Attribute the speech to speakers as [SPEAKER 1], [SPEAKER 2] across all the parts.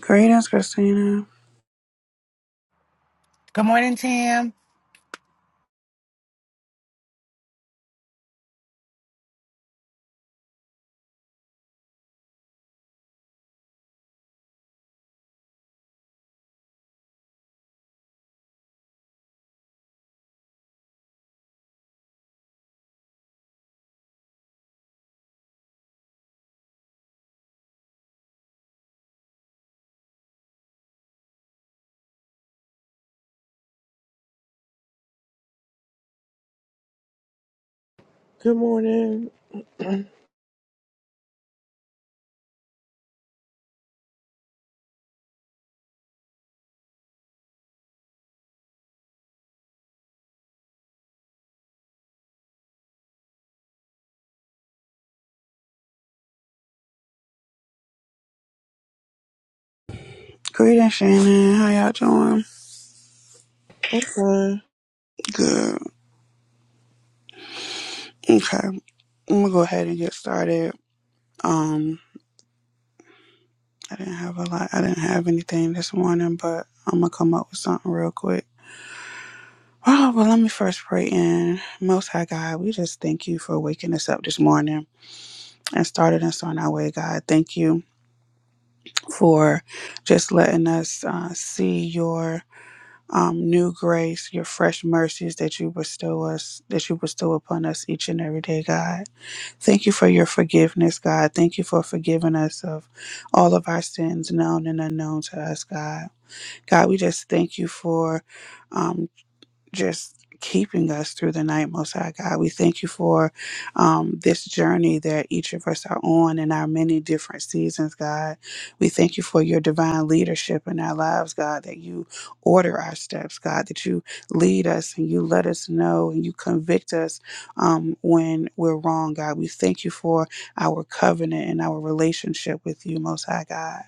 [SPEAKER 1] Greetings, Christina.
[SPEAKER 2] Good morning, Tam.
[SPEAKER 3] Good morning.
[SPEAKER 1] Greetings, Shannon. How y'all doing?
[SPEAKER 3] Okay.
[SPEAKER 1] Good. Okay. I'm gonna go ahead and get started. Um, I didn't have a lot. I didn't have anything this morning, but I'm gonna come up with something real quick. Oh, well, let me first pray in. Most High God, we just thank you for waking us up this morning and starting us on our way, God. Thank you for just letting us uh, see your um, new grace, your fresh mercies that you bestow us, that you bestow upon us each and every day, God. Thank you for your forgiveness, God. Thank you for forgiving us of all of our sins, known and unknown to us, God. God, we just thank you for. um, just keeping us through the night, Most High God. We thank you for um, this journey that each of us are on in our many different seasons, God. We thank you for your divine leadership in our lives, God, that you order our steps, God, that you lead us and you let us know and you convict us um, when we're wrong, God. We thank you for our covenant and our relationship with you, Most High God.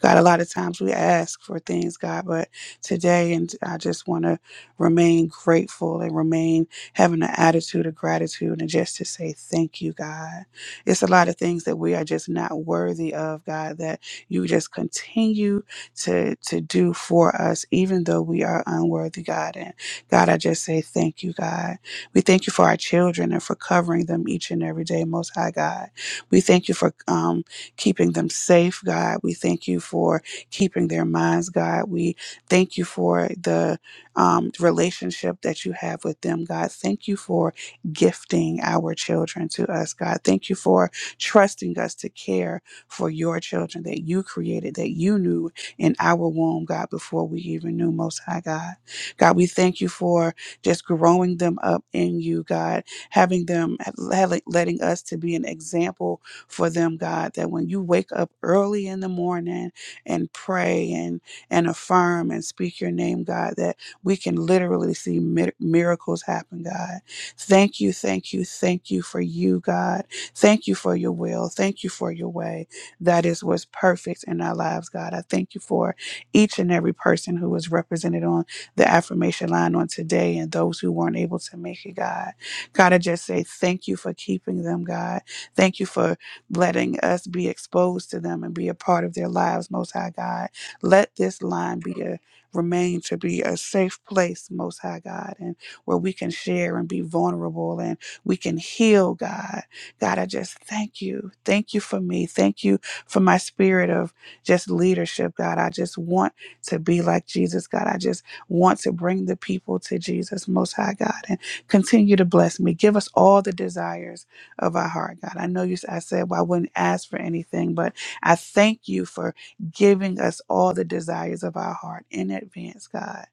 [SPEAKER 1] God, a lot of times we ask for things, God, but today, and I just want to remain grateful and remain having an attitude of gratitude and just to say thank you, God. It's a lot of things that we are just not worthy of, God, that you just continue to to do for us, even though we are unworthy, God. And God, I just say thank you, God. We thank you for our children and for covering them each and every day, Most High God. We thank you for um, keeping them safe, God. We thank you for keeping their minds, God. We thank you for the um, relationship that you have with them, God. Thank you for gifting our children to us, God. Thank you for trusting us to care for your children that you created, that you knew in our womb, God, before we even knew Most High God. God, we thank you for just growing them up in you, God, having them, letting us to be an example for them, God, that when you wake up early in the morning and pray and and affirm and speak your name, God, that we can literally see mir- miracles happen, God. Thank you, thank you, thank you for you, God. Thank you for your will. Thank you for your way. That is what's perfect in our lives, God. I thank you for each and every person who was represented on the affirmation line on today and those who weren't able to make it, God. God, I just say thank you for keeping them, God. Thank you for letting us be exposed to them and be a part of their lives, Most High God. Let this line be a remain to be a safe place, Most High God, and where we can share and be vulnerable and we can heal, God. God, I just thank you. Thank you for me. Thank you for my spirit of just leadership, God. I just want to be like Jesus, God. I just want to bring the people to Jesus, Most High God, and continue to bless me. Give us all the desires of our heart, God. I know you. I said well, I wouldn't ask for anything, but I thank you for giving us all the desires of our heart in advance, God.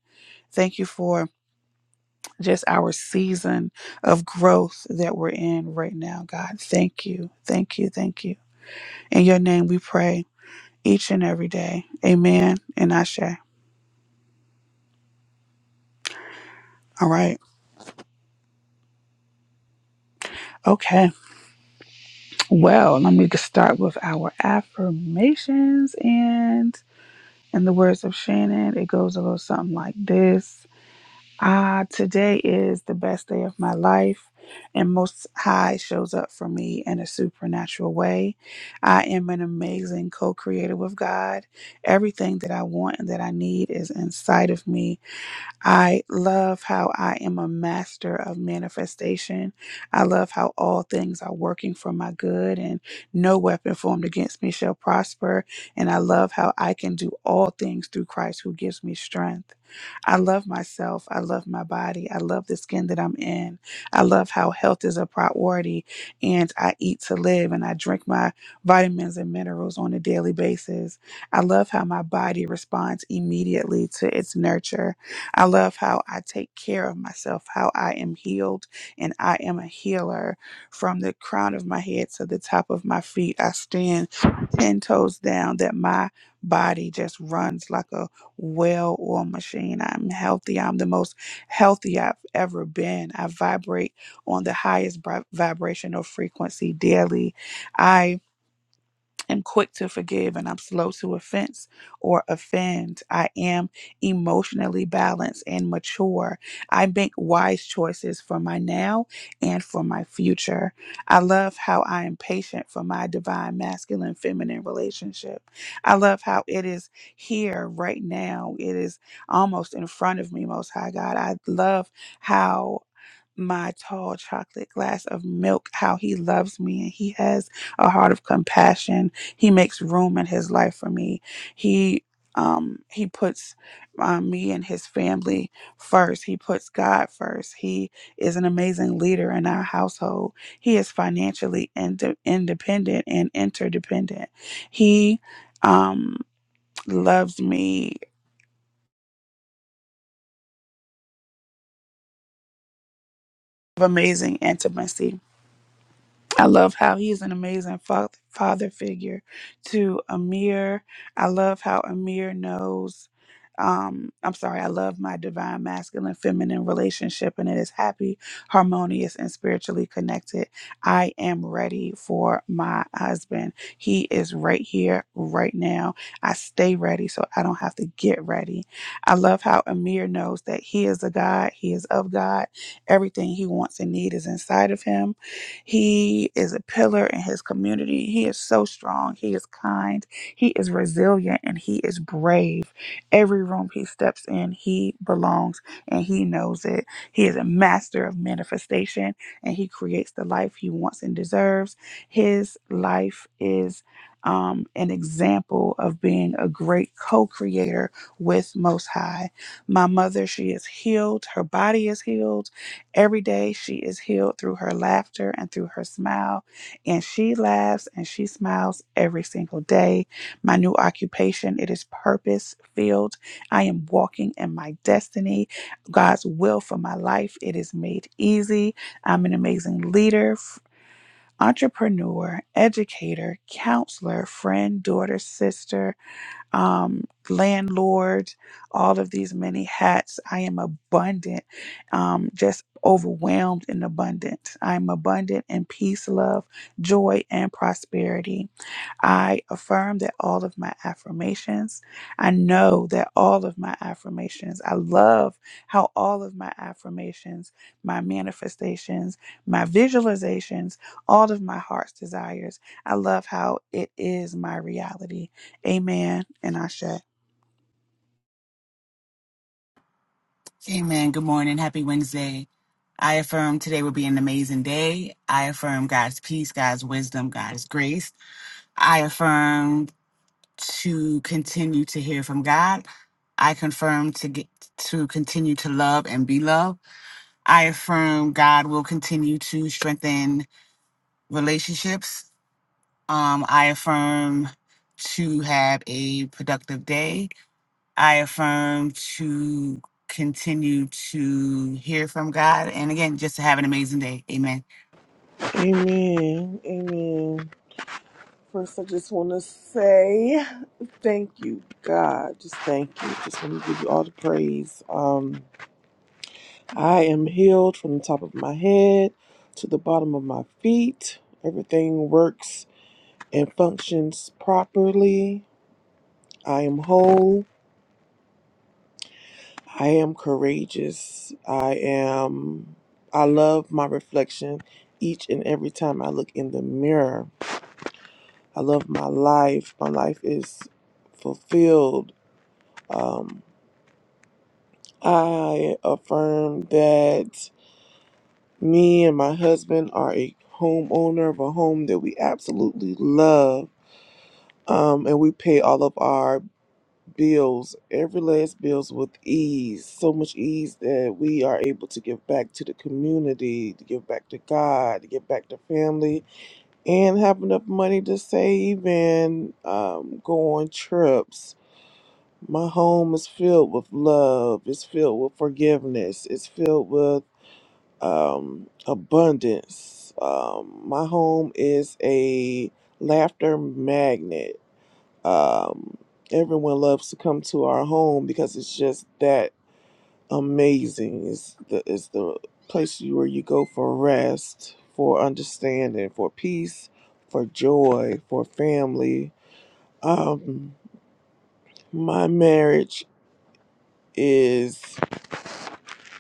[SPEAKER 1] Thank you for just our season of growth that we're in right now, God. Thank you. Thank you. Thank you. In your name we pray each and every day. Amen and Ashe. All right. Okay. Well, let me just start with our affirmations and in the words of Shannon, it goes a little something like this. Ah, today is the best day of my life, and Most High shows up for me in a supernatural way. I am an amazing co creator with God. Everything that I want and that I need is inside of me I love how I am a master of manifestation. I love how all things are working for my good and no weapon formed against me shall prosper. And I love how I can do all things through Christ who gives me strength. I love myself. I love my body. I love the skin that I'm in. I love how health is a priority and I eat to live and I drink my vitamins and minerals on a daily basis. I love how my body responds immediately to its nurture. I love how I take care of myself, how I am healed, and I am a healer from the crown of my head to the top of my feet. I stand 10 toes down that my body just runs like a well oiled machine. I'm healthy. I'm the most healthy I've ever been. I vibrate on the highest bri- vibrational frequency daily. I am quick to forgive and I'm slow to offense or offend. I am emotionally balanced and mature. I make wise choices for my now and for my future. I love how I am patient for my divine masculine feminine relationship. I love how it is here right now. It is almost in front of me, Most High God. I love how my tall chocolate glass of milk, how he loves me and he has a heart of compassion. He makes room in his life for me. He um he puts uh, me and his family first. He puts God first. He is an amazing leader in our household. He is financially ind- independent and interdependent. He um loves me of amazing intimacy. I love how he's an amazing fa- father figure to Amir. I love how Amir knows. Um, I'm sorry, I love my divine masculine feminine relationship and it is happy, harmonious, and spiritually connected. I am ready for my husband. He is right here, right now. I stay ready so I don't have to get ready. I love how Amir knows that he is a God, he is of God. Everything he wants and needs is inside of him he is a pillar in his community. He is so strong. He is kind. He is resilient and he is brave. Every room he steps in, he belongs and he knows it. He is a master of manifestation and he creates the life he wants and deserves. His life is um, an example of being a great co creator with Most High. My mother, she is healed. Her body is healed Every day she is healed through her laughter and through her smile, and she laughs and she smiles every single day. My new occupation, it is purpose filled. I am walking in my destiny. God's will for my life, it is made easy. I'm an amazing leader, f- entrepreneur, educator, counselor, friend, daughter, sister, um, landlord, all of these many hats. I am abundant, um, just overwhelmed in abundance. I am abundant in peace, love, joy, and prosperity. I affirm that all of my affirmations, I know that all of my affirmations, I love how all of my affirmations, my manifestations, my visualizations, all of my heart's desires, I love how it is my reality. Amen and Ashe.
[SPEAKER 2] Amen. Good morning. Happy Wednesday. I affirm today will be an amazing day. I affirm God's peace, God's wisdom, God's grace. I affirm to continue to hear from God. I confirm to get to continue to love and be loved. I affirm God will continue to strengthen relationships. Um, I affirm to have a productive day. I affirm to continue to hear from God. And again, just to have an amazing day. Amen.
[SPEAKER 3] Amen. Amen. First, I just want to say thank you, God. Just thank you. Just want to give you all the praise. Um, I am healed from the top of my head to the bottom of my feet. Everything works and functions properly. I am whole. I am courageous. I am. I love my reflection each and every time I look in the mirror. I love my life. My life is fulfilled. Um, I affirm that me and my husband are a homeowner of a home that we absolutely love. Um, and we pay all of our bills, every last bills with ease, so much ease that we are able to give back to the community, to give back to God, to give back to family, and have enough money to save and um, go on trips My home is filled with love, it's filled with forgiveness, it's filled with um, abundance. Um, my home is a laughter magnet. Um, everyone loves to come to our home because it's just that amazing. It's the, it's the place you- where you go for rest, for understanding, for peace, for joy, for family. Um, my marriage is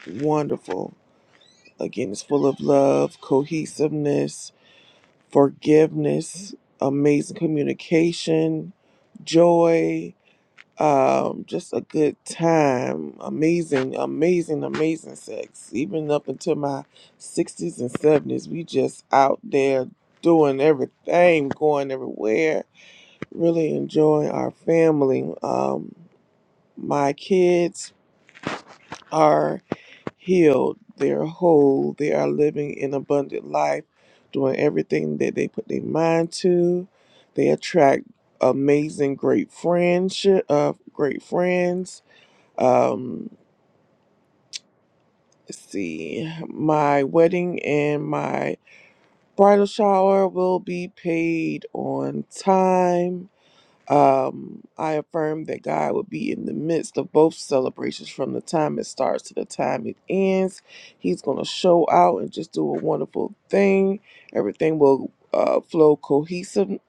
[SPEAKER 3] wonderful. Again, it's full of love, cohesiveness, forgiveness, amazing communication, joy, um, just a good time. Amazing, amazing, amazing sex. Even up until my 60s and 70s, we just out there doing everything, going everywhere, really enjoying our family. Um, my kids are healed, they are whole, they are living an abundant life, doing everything that they put their mind to. They attract amazing, great friendship, uh, great friends. Um, let's see, my wedding and my bridal shower will be paid on time. Um, I affirm that God will be in the midst of both celebrations from the time it starts to the time it ends. He's going to show out and just do a wonderful thing. Everything will uh, flow cohesive,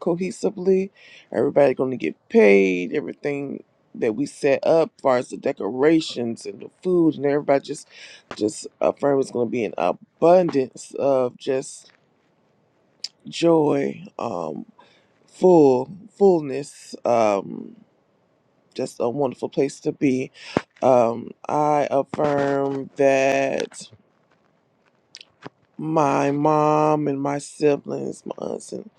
[SPEAKER 3] cohesively. Everybody going to get paid. Everything that we set up, as far as the decorations and the food, and everybody just just affirm it's going to be an abundance of just joy, um, full fullness. Um, just a wonderful place to be. Um, I affirm that my mom and my siblings, my aunts and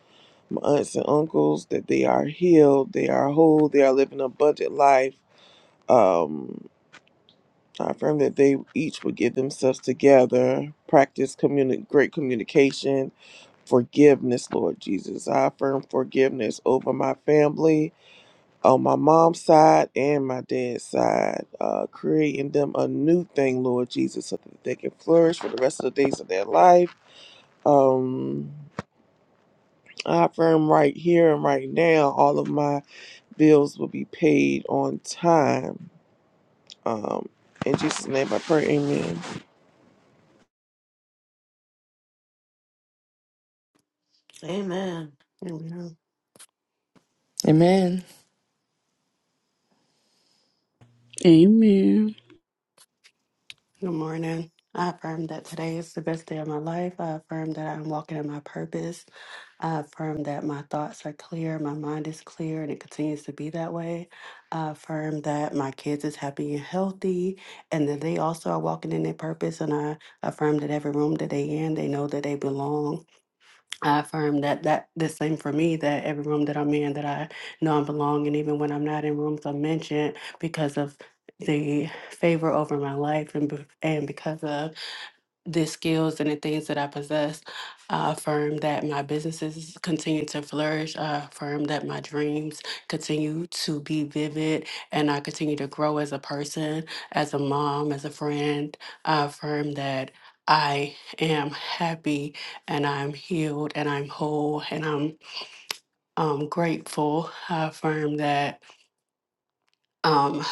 [SPEAKER 3] my aunts and uncles, that they are healed, they are whole, they are living a budget life. Um, I affirm that they each would give themselves together, practice communi- great communication, forgiveness, Lord Jesus. I affirm forgiveness over my family, on my mom's side and my dad's side, uh, creating them a new thing, Lord Jesus, so that they can flourish for the rest of the days of their life. Um, I affirm right here and right now, all of my bills will be paid on time. Um, in Jesus' name, I pray. Amen.
[SPEAKER 4] Amen.
[SPEAKER 5] Amen.
[SPEAKER 6] Amen.
[SPEAKER 1] Amen.
[SPEAKER 5] Good morning. I affirm that today is the best day of my life. I affirm that I'm walking in my purpose. I affirm that my thoughts are clear, my mind is clear, and it continues to be that way. I affirm that my kids is happy and healthy, and that they also are walking in their purpose. And I affirm that every room that they in, they know that they belong I affirm that that the same for me that every room that I'm in that I know I belong and even when I'm not in rooms I'm mentioned because of the favor over my life and be- and because of the skills and the things that I possess. I affirm that my businesses continue to flourish. I affirm that my dreams continue to be vivid and I continue to grow as a person, as a mom, as a friend. I affirm that I am happy and I'm healed and I'm whole and I'm um, grateful. I affirm that, um,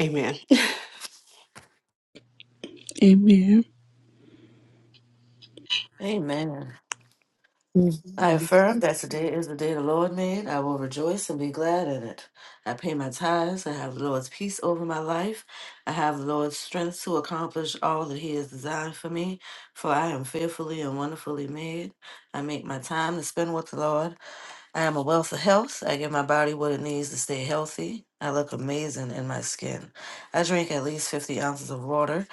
[SPEAKER 5] amen.
[SPEAKER 1] Amen.
[SPEAKER 4] Amen.
[SPEAKER 6] Mm.
[SPEAKER 4] I affirm that today is the day the Lord made. I will rejoice and be glad in it. I pay my tithes. I have the Lord's peace over my life. I have the Lord's strength to accomplish all that He has designed for me, for I am fearfully and wonderfully made. I make my time to spend with the Lord. I am a wealth of health. I give my body what it needs to stay healthy. I look amazing in my skin. I drink at least 50 ounces of water.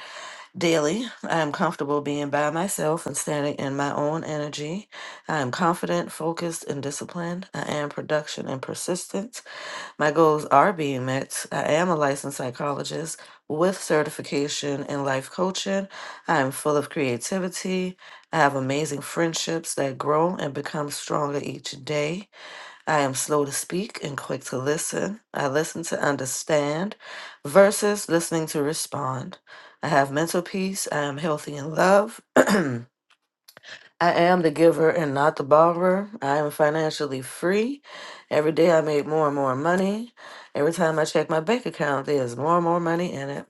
[SPEAKER 4] Daily, I am comfortable being by myself and standing in my own energy. I am confident, focused, and disciplined. I am production and persistence. My goals are being met. I am a licensed psychologist with certification in life coaching. I am full of creativity. I have amazing friendships that grow and become stronger each day. I am slow to speak and quick to listen. I listen to understand versus listening to respond. I have mental peace. I am healthy in love. I am the giver and not the borrower. I am financially free. Every day I make more and more money. Every time I check my bank account, there's more and more money in it.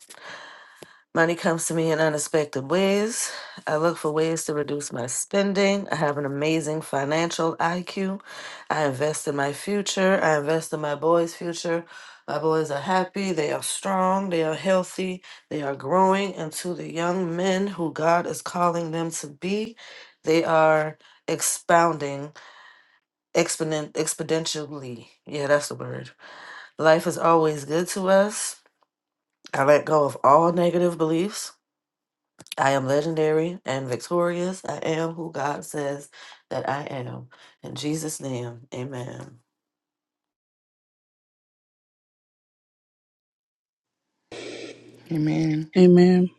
[SPEAKER 4] Money comes to me in unexpected ways. I look for ways to reduce my spending. I have an amazing financial IQ. I invest in my future. I invest in my boys' future. My boys are happy. They are strong. They are healthy. They are growing into the young men who God is calling them to be. They are expounding exponent, exponentially. Yeah, that's the word. Life is always good to us. I let go of all negative beliefs. I am legendary and victorious. I am who God says that I am. In Jesus' name, amen.
[SPEAKER 6] Amen.
[SPEAKER 1] Amen.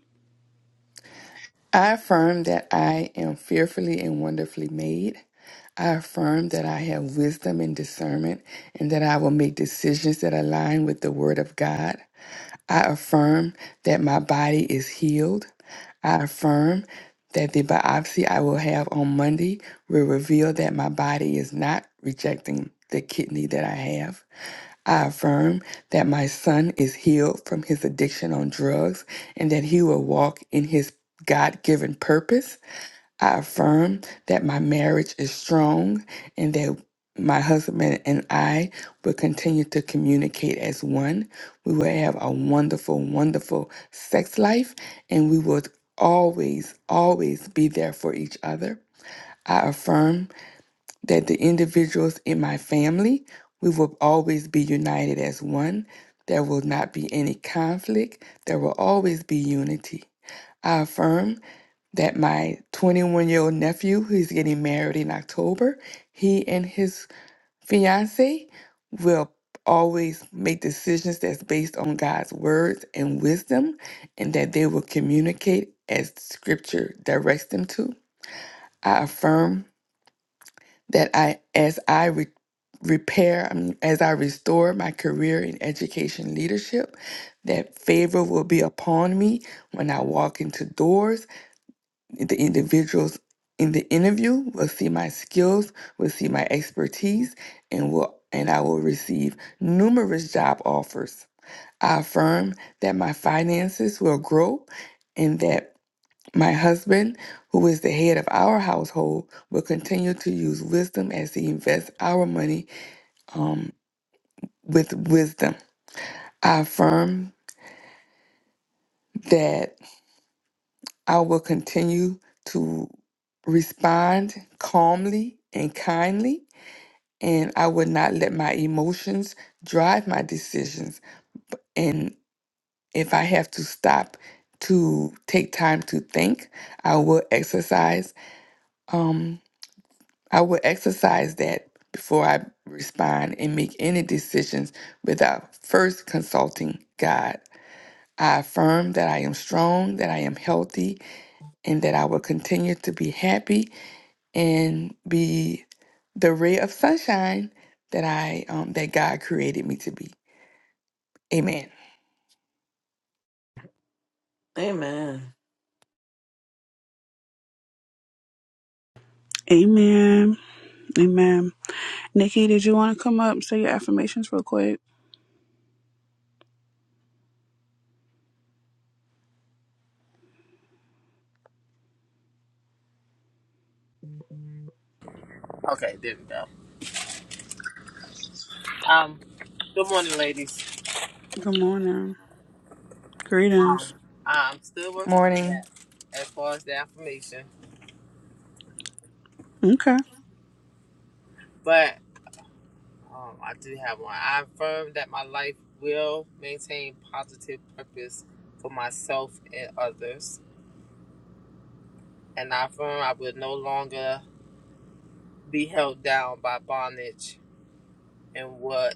[SPEAKER 6] I affirm that I am fearfully and wonderfully made. I affirm that I have wisdom and discernment and that I will make decisions that align with the Word of God. I affirm that my body is healed. I affirm that the biopsy I will have on Monday will reveal that my body is not rejecting the kidney that I have. I affirm that my son is healed from his addiction on drugs and that he will walk in his God given purpose. I affirm that my marriage is strong and that my husband and I will continue to communicate as one. We will have a wonderful, wonderful sex life and we will always, always be there for each other. I affirm that the individuals in my family, we will always be united as one. There will not be any conflict. There will always be unity. I affirm that my 21 year old nephew, who's getting married in October, he and his fiance will always make decisions that's based on God's words and wisdom, and that they will communicate as scripture directs them to. I affirm that I, as I re- repair, I mean, as I restore my career in education leadership, that favor will be upon me when I walk into doors. The individuals in the interview will see my skills, will see my expertise, and will and I will receive numerous job offers. I affirm that my finances will grow and that my husband, who is the head of our household, will continue to use wisdom as he invests our money um, with wisdom. I affirm that I will continue to respond calmly and kindly, and I will not let my emotions drive my decisions. And if I have to stop to take time to think, I will exercise. Um, I will exercise that before I respond and make any decisions without first consulting God. I affirm that I am strong, that I am healthy, and that I will continue to be happy and be the ray of sunshine that I um, that God created me to be. Amen.
[SPEAKER 4] Amen.
[SPEAKER 1] Amen. Amen. Nikki, did you want to come up and say your affirmations real quick?
[SPEAKER 7] Okay, there we go. Um, good morning, ladies.
[SPEAKER 1] Good morning.
[SPEAKER 7] Um,
[SPEAKER 1] Greetings.
[SPEAKER 7] I'm still working on
[SPEAKER 6] Morning.
[SPEAKER 7] that as far as the affirmation,
[SPEAKER 1] Okay.
[SPEAKER 7] but um, I do have one. I affirm that my life will maintain positive purpose for myself and others, and I affirm I will no longer be held down by bondage and what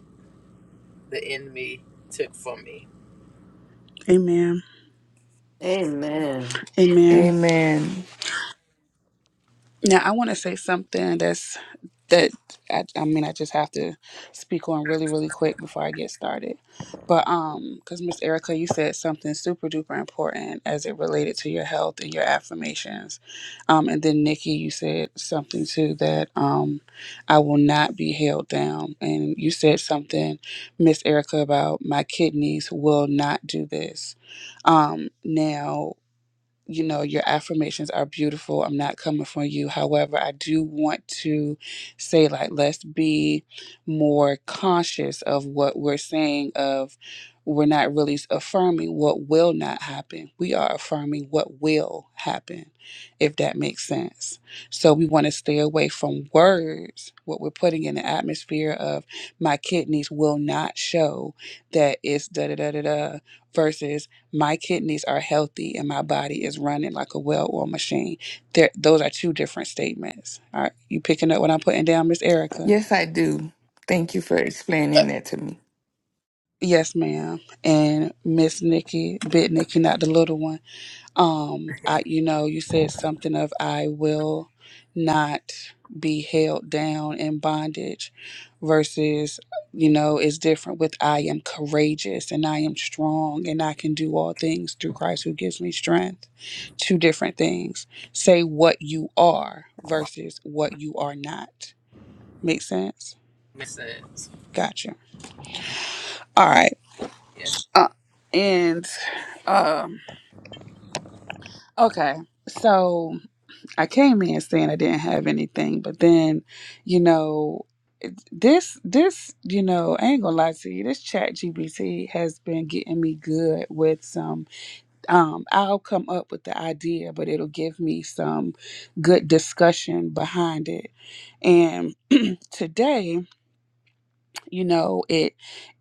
[SPEAKER 7] the enemy took from me.
[SPEAKER 1] Amen.
[SPEAKER 4] Amen.
[SPEAKER 1] Amen.
[SPEAKER 6] Amen.
[SPEAKER 1] Now I want to say something that's that I, I mean I just have to speak on really really quick before I get started. But um cuz Miss Erica you said something super duper important as it related to your health and your affirmations. Um and then Nikki you said something too that um I will not be held down and you said something Miss Erica about my kidneys will not do this. Um now you know, your affirmations are beautiful. I'm not coming for you. However, I do want to say, like, let's be more conscious of what we're saying, of we're not really affirming what will not happen. We are affirming what will happen, if that makes sense. So we want to stay away from words, what we're putting in the atmosphere of my kidneys will not show that it's da da da da da versus my kidneys are healthy and my body is running like a well-oiled machine. There, those are two different statements. Are you picking up what I'm putting down, Miss Erica?
[SPEAKER 6] Yes, I do. Thank you for explaining that to me.
[SPEAKER 1] Yes, ma'am. And Miss Nikki, big Nikki, not the little one. Um, I, you know, you said something of I will not be held down in bondage versus, you know, it's different with I am courageous and I am strong and I can do all things through Christ who gives me strength. Two different things. Say what you are versus what you are not. Make sense?
[SPEAKER 7] Makes sense.
[SPEAKER 1] Gotcha. All right.
[SPEAKER 7] Yeah.
[SPEAKER 1] Uh, and um okay. So I came in saying I didn't have anything, but then, you know, this this you know I ain't gonna lie to you. This Chat GBT has been getting me good with some. Um, I'll come up with the idea, but it'll give me some good discussion behind it. And today you know it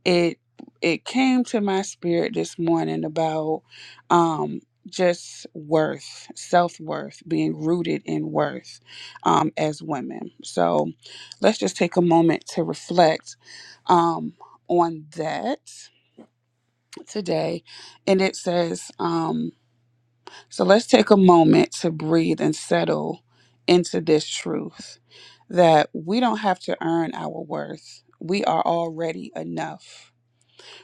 [SPEAKER 1] it it came to my spirit this morning about um just worth self-worth being rooted in worth um as women so let's just take a moment to reflect um on that today and it says um so let's take a moment to breathe and settle into this truth that we don't have to earn our worth we are already enough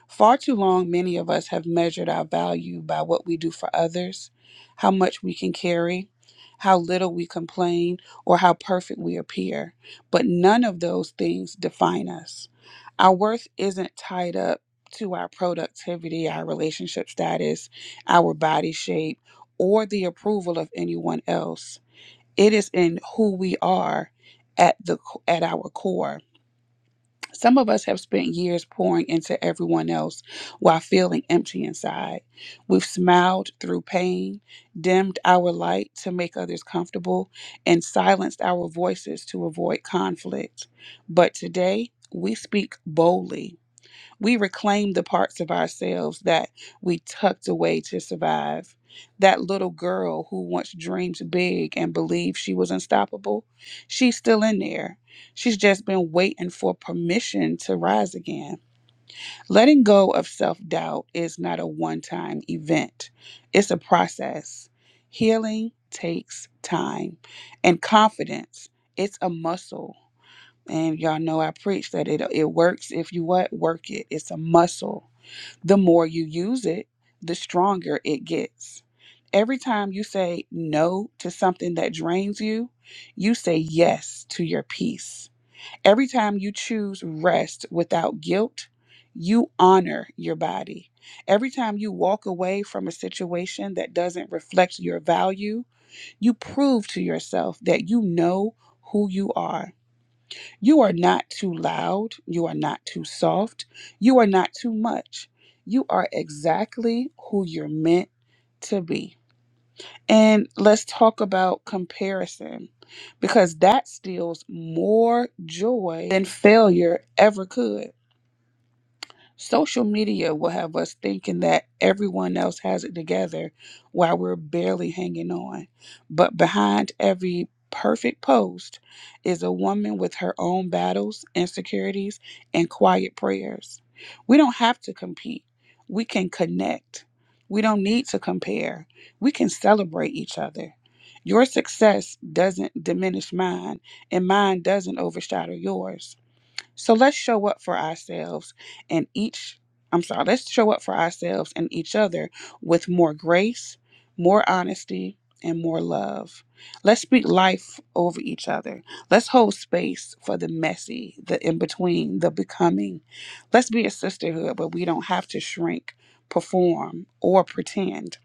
[SPEAKER 1] Far too long, many of us have measured our value by what we do for others, how much we can carry, how little we complain, or how perfect we appear. But none of those things define us. Our worth isn't tied up to our productivity, our relationship status, our body shape, or the approval of anyone else. It is in who we are at the at our core some of us have spent years pouring into everyone else while feeling empty inside. We've smiled through pain, dimmed our light to make others comfortable, and silenced our voices to avoid conflict. But today, we speak boldly we reclaim the parts of ourselves that we tucked away to survive. That little girl who once dreamed big and believed she was unstoppable, she's still in there. She's just been waiting for permission to rise again. Letting go of self doubt is not a one time event, it's a process. Healing takes time, and confidence, it's a muscle. And y'all know I preach that it, it works if you what? Work it. It's a muscle the more you use it, the stronger it gets. Every time you say no to something that drains you, you say yes to your peace. Every time you choose rest without guilt, you honor your body. Every time you walk away from a situation that doesn't reflect your value, you prove to yourself that you know who you are. You are not too loud. You are not too soft. You are not too much. You are exactly who you're meant to be. And let's talk about comparison because that steals more joy than failure ever could. Social media will have us thinking that everyone else has it together while we're barely hanging on. But behind every perfect post is a woman with her own battles, insecurities, and quiet prayers. We don't have to compete, we can connect. We don't need to compare, we can celebrate each other. Your success doesn't diminish mine, and mine doesn't overshadow yours. So let's show up for ourselves and each, I'm sorry, let's show up for ourselves and each other with more grace, more honesty, and more love. Let's speak life over each other. Let's hold space for the messy, the in between, the becoming. Let's be a sisterhood, but we don't have to shrink, perform, or pretend.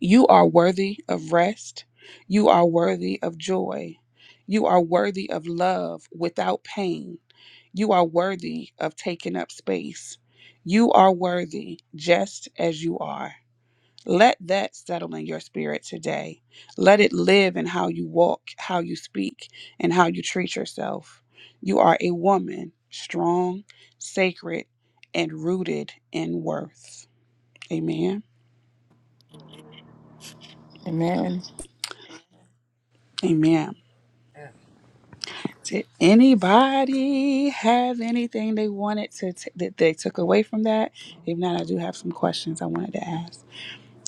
[SPEAKER 1] You are worthy of rest. You are worthy of joy. You are worthy of love without pain. You are worthy of taking up space. You are worthy just as you are. Let that settle in your spirit today. Let it live in how you walk, how you speak, and how you treat yourself. You are a woman, strong, sacred, and rooted in worth. Amen.
[SPEAKER 6] Amen.
[SPEAKER 1] Amen.
[SPEAKER 7] yeah.
[SPEAKER 1] Did anybody have anything they wanted to t- that they took away from that? If not, I do have some questions I wanted to ask.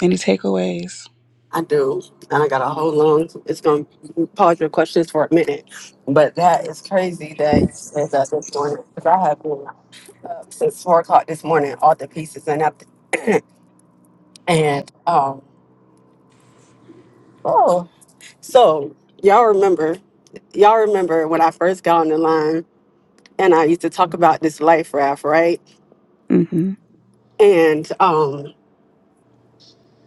[SPEAKER 1] Any takeaways?
[SPEAKER 5] I do. And I got a whole long, it's going to pause your questions for a minute. But that is crazy that you said this morning. Because I have been up since 4 o'clock this morning, all the pieces and up. and, um, oh, so y'all remember, y'all remember when I first got on the line and I used to talk about this life raft, right?
[SPEAKER 1] hmm
[SPEAKER 5] And, um,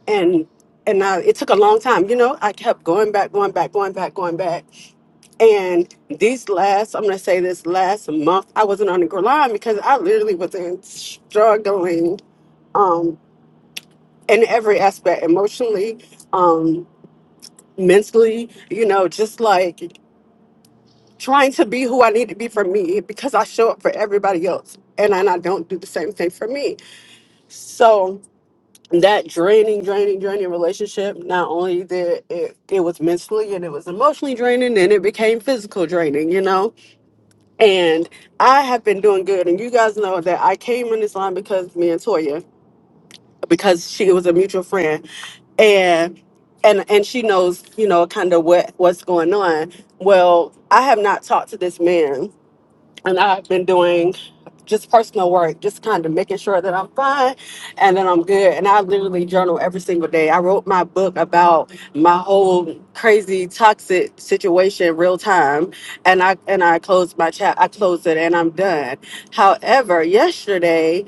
[SPEAKER 5] and and I, it took a long time. You know, I kept going back, going back, going back, going back. And these last, I'm gonna say this last month, I wasn't on the grind because I literally was in struggling um, in every aspect, emotionally, um, mentally. You know, just like trying to be who I need to be for me because I show up for everybody else, and I, and I don't do the same thing for me. So that draining, draining, draining relationship, not only did it, it was mentally and it was emotionally draining and it became physical draining, you know? And I have been doing good. And you guys know that I came in this line because me and Toya, because she was a mutual friend. And and and she knows, you know, kind of what what's going on. Well, I have not talked to this man and I've been doing just personal work, just kind of making sure that I'm fine and that I'm good. And I literally journal every single day. I wrote my book about my whole crazy toxic situation real time, and I and I closed my chat. I closed it, and I'm done. However, yesterday.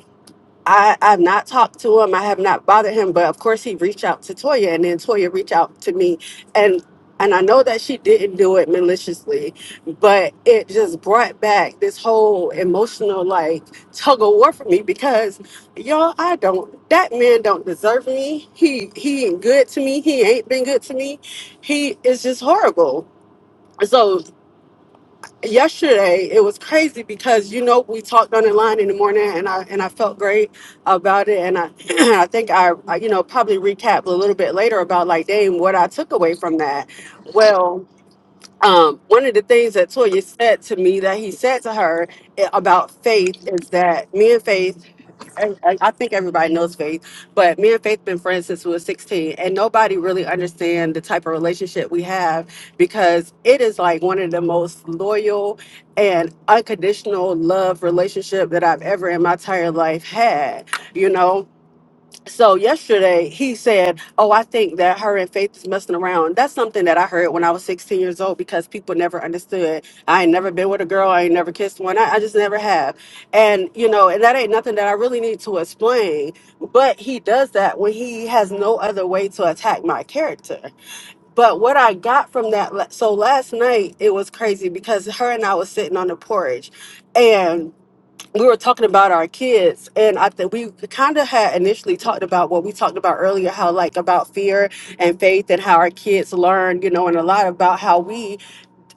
[SPEAKER 5] I, I've not talked to him. I have not bothered him, but of course he reached out to Toya and then Toya reached out to me. And and I know that she didn't do it maliciously, but it just brought back this whole emotional like tug of war for me because y'all, I don't that man don't deserve me. He he ain't good to me. He ain't been good to me. He is just horrible. So yesterday it was crazy because you know we talked on the line in the morning and I and I felt great about it and I I think I, I you know probably recapped a little bit later about like dang what I took away from that. Well, um, one of the things that Toya said to me that he said to her i- about faith is that me and Faith I, I I think everybody knows Faith, but me and Faith been friends since we were 16, and nobody really understand the type of relationship we have because it is like one of the most loyal and unconditional love relationship that I've ever in my entire life had. You know, so yesterday he said, "Oh, I think that her and Faith is messing around." That's something that I heard when I was 16 years old because people never understood. I ain't never been with a girl. I ain't never kissed one. I, I just never have. And you know, and that ain't nothing that I really need to explain. But he does that when he has no other way to attack my character. But what I got from that, la- so last night it was crazy because her and I was sitting on the porch, and we were talking about our kids and i think we kind of had initially talked about what we talked about earlier how like about fear and faith and how our kids learn you know and a lot about how we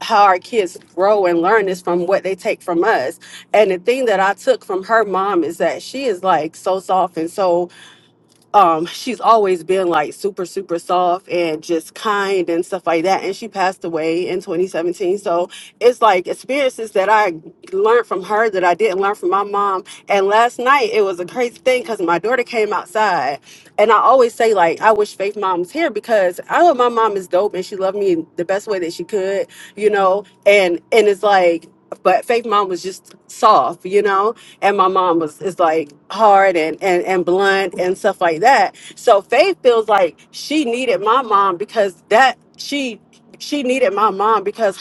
[SPEAKER 5] how our kids grow and learn is from what they take from us and the thing that i took from her mom is that she is like so soft and so um, she's always been like super, super soft and just kind and stuff like that. And she passed away in 2017. So it's like experiences that I learned from her that I didn't learn from my mom. And last night it was a crazy thing because my daughter came outside. And I always say, like, I wish Faith Mom was here because I know my mom is dope and she loved me the best way that she could, you know? And and it's like but Faith mom was just soft, you know, and my mom was is like hard and, and and blunt and stuff like that. So Faith feels like she needed my mom because that she she needed my mom because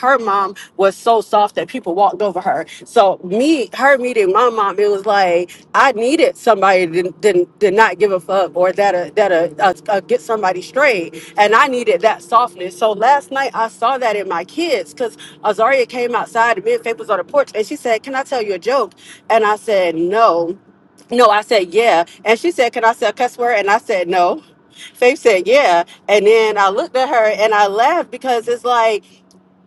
[SPEAKER 5] her mom was so soft that people walked over her. So me, her meeting my mom, it was like I needed somebody that didn't didn't- did not give a fuck or that uh, that uh, uh, uh, get somebody straight, and I needed that softness. So last night I saw that in my kids because Azaria came outside and me and Faith was on the porch, and she said, "Can I tell you a joke?" And I said, "No." No, I said, yeah. And she said, can I say a cuss word? And I said, no. Faith said, yeah. And then I looked at her and I laughed because it's like,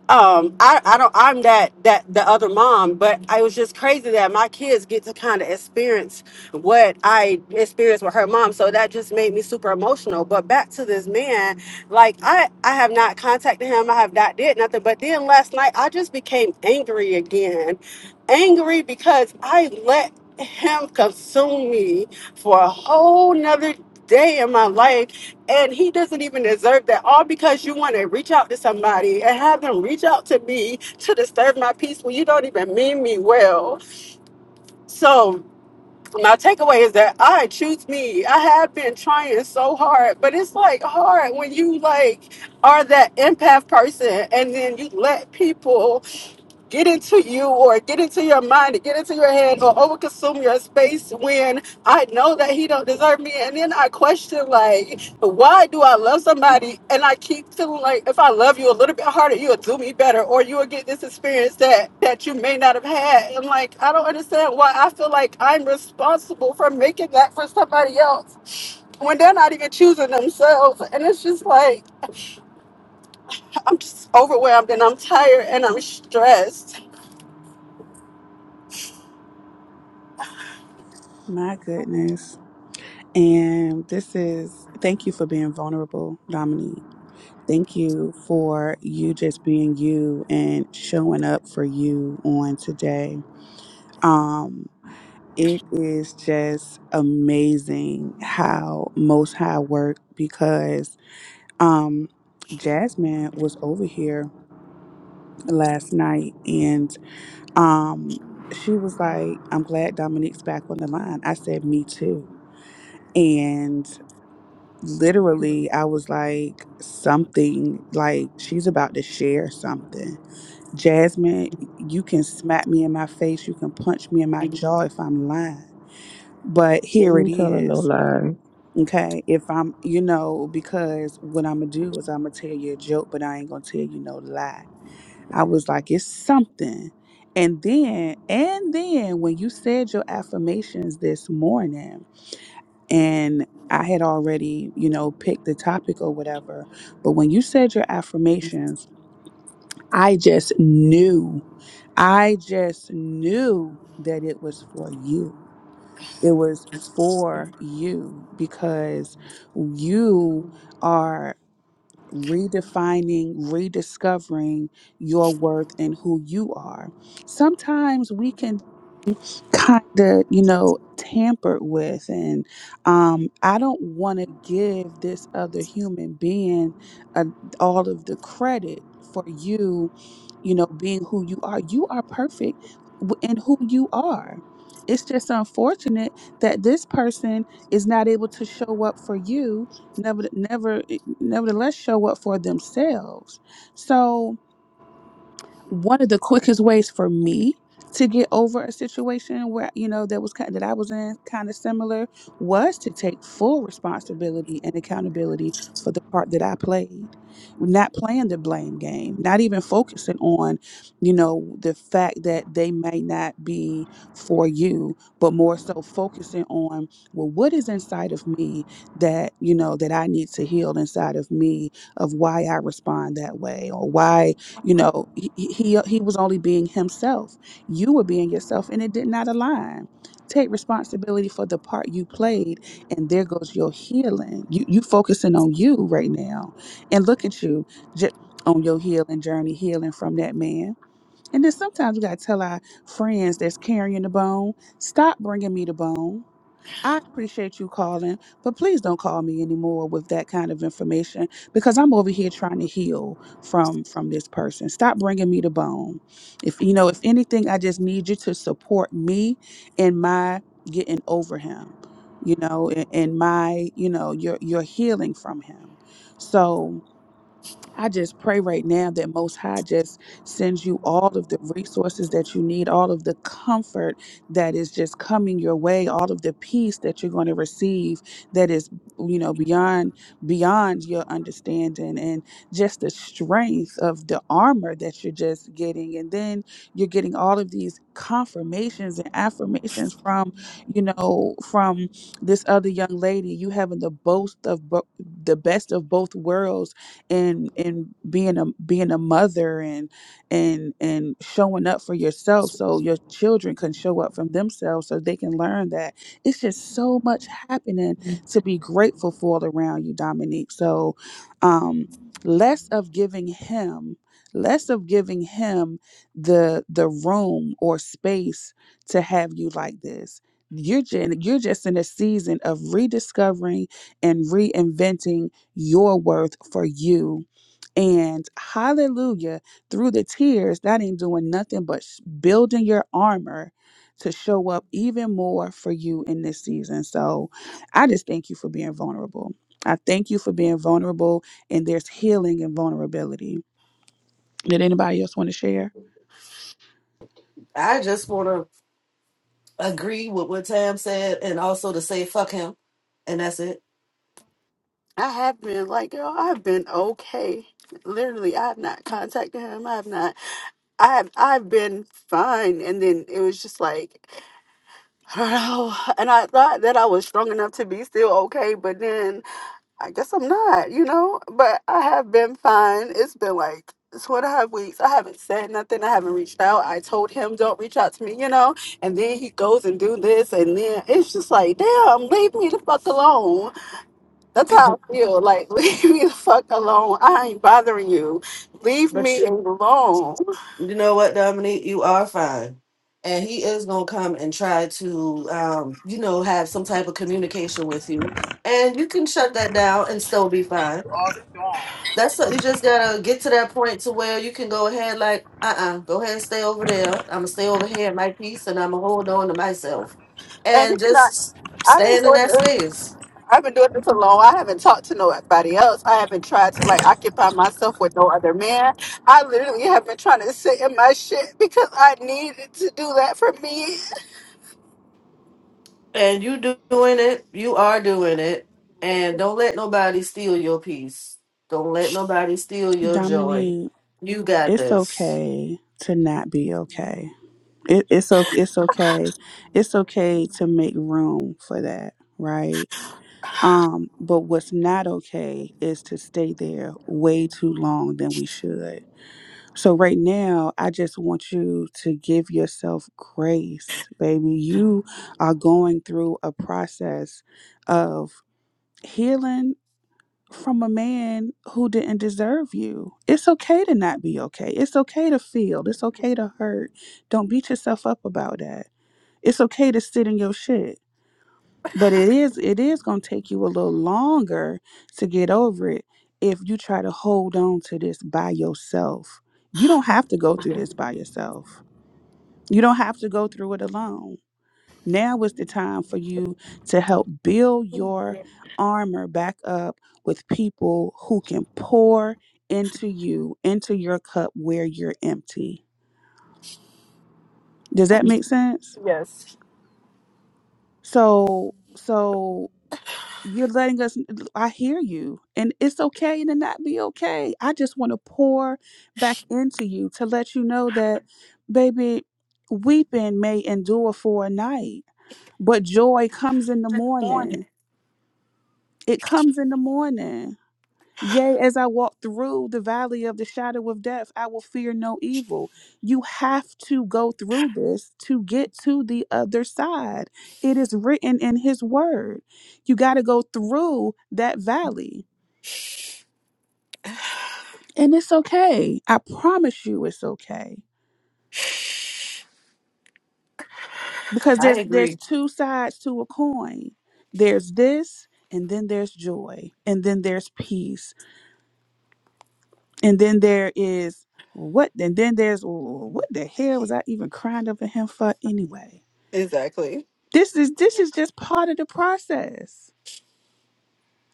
[SPEAKER 5] um I, I don't I'm that that the other mom, but I was just crazy that my kids get to kind of experience what I experienced with her mom. So that just made me super emotional. But back to this man, like I I have not contacted him. I have not did nothing. But then last night I just became angry again. Angry because I let him consume me for a whole nother day in my life and he doesn't even deserve that all because you want to reach out to somebody and have them reach out to me to disturb my peace when you don't even mean me well so my takeaway is that i choose me i have been trying so hard but it's like hard when you like are that empath person and then you let people get into you or get into your mind, get into your head or overconsume your space when I know that he don't deserve me. And then I question like, why do I love somebody and I keep feeling like if I love you a little bit harder, you'll do me better or you will get this experience that that you may not have had. And like I don't understand why I feel like I'm responsible for making that for somebody else. When they're not even choosing themselves. And it's just like, I'm just overwhelmed and I'm tired and I'm stressed.
[SPEAKER 1] My goodness. And this is, thank you for being vulnerable, Dominique. Thank you for you just being you and showing up for you on today. Um, it is just amazing how Most High work because um, Jasmine was over here last night and um, she was like, I'm glad Dominique's back on the line. I said, Me too. and. literally I was like something like she's about to share something. Jasmine, you can smack me in my face, you can punch me in my jaw if I'm lying. But
[SPEAKER 8] She
[SPEAKER 1] here it
[SPEAKER 8] ain't telling no
[SPEAKER 1] is.
[SPEAKER 8] lies.
[SPEAKER 1] Okay. If I'm you know, because what I'ma do is I'm gonna tell you a joke, but I ain't gonna tell you no lie. I was like, it's something. And then and then when you said your affirmations this morning, and I had already, you know, picked the topic or whatever. But when you said your affirmations, I just knew, I just knew that it was for you. It was for you because you are redefining, rediscovering your worth and who you are. Sometimes we can kind of you know tampered with and um i don't want to give this other human being uh all of the credit for you you know being who you are you are perfect w- in who you are it's just unfortunate that this person is not able to show up for you never never eh, nevertheless show up for themselves so one of the quickest ways for me to get over a situation where you know that was kind that I was in kind of similar was to take full responsibility and accountability for the part that I played. Not playing the blame game, not even focusing on, you know, the fact that they may not be for you, but more so focusing on, well, what is inside of me that, you know, that I need to heal inside of me of why I respond that way or why you know he, he he was only being himself you were being yourself and it did not align take responsibility for the part you played and there goes your healing you you focusing on you right now and look at you just on your healing journey healing from that man and then sometimes we got to tell our friends that's carrying the bone stop bringing me the bone I appreciate you calling, but please don't call me anymore with that kind of information because I'm over here trying to heal from from this person. Stop bringing me the bone. If you know, if anything, I just need you to support me in my getting over him. You know, in, in my you know your your healing from him. So I just pray right now that Most High just sends you all of the resources that you need, all of the comfort that is just coming your way, all of the peace that you're going to receive that is, you know, beyond beyond your understanding, and just the strength of the armor that you're just getting, and then you're getting all of these confirmations and affirmations from, you know, from this other young lady. You having the boast of bo- the best of both worlds and and being a being a mother and and and showing up for yourself so your children can show up from themselves so they can learn that it's just so much happening to be grateful for around you dominique so um less of giving him less of giving him the the room or space to have you like this you're just, you're just in a season of rediscovering and reinventing your worth for you. And hallelujah, through the tears, that ain't doing nothing but s- building your armor to show up even more for you in this season. So I just thank you for being vulnerable. I thank you for being vulnerable, and there's healing in vulnerability. Did anybody else want to share?
[SPEAKER 4] I just want to agree with what Tam said and also to say, fuck him. And that's it.
[SPEAKER 5] I have been like, girl, I've been okay. Literally, I have not contacted him. I have not. I have. I've been fine. And then it was just like, I don't know. and I thought that I was strong enough to be still okay, but then I guess I'm not. You know. But I have been fine. It's been like two and a half weeks. I haven't said nothing. I haven't reached out. I told him don't reach out to me. You know. And then he goes and do this, and then it's just like, damn, leave me the fuck alone. That's how I feel. Like, leave me the fuck alone. I ain't bothering you. Leave
[SPEAKER 4] But
[SPEAKER 5] me
[SPEAKER 4] you
[SPEAKER 5] alone.
[SPEAKER 4] you know what, Dominique? You are fine. And he is going to come and try to, um, you know, have some type of communication with you. And you can shut that down and still be
[SPEAKER 7] And
[SPEAKER 4] fine
[SPEAKER 7] you are strong.
[SPEAKER 4] That's what you just gotta get to that point to where you can go ahead, like, uh uh go ahead and stay over there. I'm gonna stay over here in my peace and I'm gonna hold on to myself
[SPEAKER 5] And
[SPEAKER 4] and
[SPEAKER 5] it's not.
[SPEAKER 4] just
[SPEAKER 5] I've been
[SPEAKER 4] stand in
[SPEAKER 5] doing
[SPEAKER 4] that
[SPEAKER 5] this.
[SPEAKER 4] space.
[SPEAKER 5] I've been doing this alone. I haven't talked to nobody else. I haven't tried to like occupy myself with no other man. I literally have been trying to sit in my shit because I needed to do that for me.
[SPEAKER 4] And you do- doing it, you are doing it. And don't let nobody steal your peace. Don't let nobody steal your joy.
[SPEAKER 1] Dominique,
[SPEAKER 4] You got
[SPEAKER 1] it's
[SPEAKER 4] this.
[SPEAKER 1] okay to not be okay. It, it's o- it's okay. It's okay to make room for that, right? Um, but what's not okay is to stay there way too long than we should. So right now, I just want you to give yourself grace, baby. You are going through a process of healing from a man who didn't deserve you. It's okay to not be okay. It's okay to feel. It's okay to hurt. Don't beat yourself up about that. It's okay to sit in your shit but it is it is going to take you a little longer to get over it if you try to hold on to this by yourself you don't have to go through this by yourself you don't have to go through it alone now is the time for you to help build your armor back up with people who can pour into you into your cup where you're empty does that make sense
[SPEAKER 5] Yes,
[SPEAKER 1] so so you're letting us i hear you and it's okay to not be okay i just want to pour back into you to let you know that baby weeping may endure for a night but joy comes in the morning it comes in the morning Yea, as I walk through the valley of the shadow of death, I will fear no evil. You have to go through this to get to the other side. It is written in His Word. You got to go through that valley, and it's okay. I promise you, it's okay because
[SPEAKER 4] I
[SPEAKER 1] there's there's
[SPEAKER 4] agree.
[SPEAKER 1] two sides to a coin. There's this, and then there's joy, and then there's peace And then there is what and then there's "Well, what the hell was I even crying over him for anyway?
[SPEAKER 5] exactly.
[SPEAKER 1] This is this is just part of the process.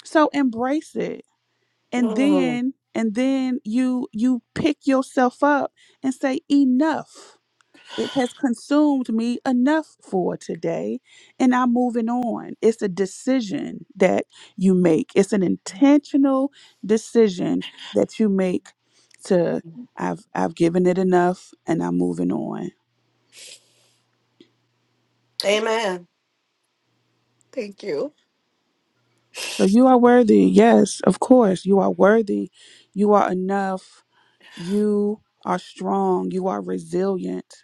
[SPEAKER 1] So embrace it. And
[SPEAKER 4] Mhm.
[SPEAKER 1] then and then you you pick yourself up and say enough. it has consumed me enough for today and I'm moving on. It's a decision that you make. It's an intentional decision that you make to I've I've given it enough and I'm moving on.
[SPEAKER 4] Amen.
[SPEAKER 5] Thank you.
[SPEAKER 1] So you are worthy. Yes, of course. You are worthy. You are enough. You are strong. You are resilient.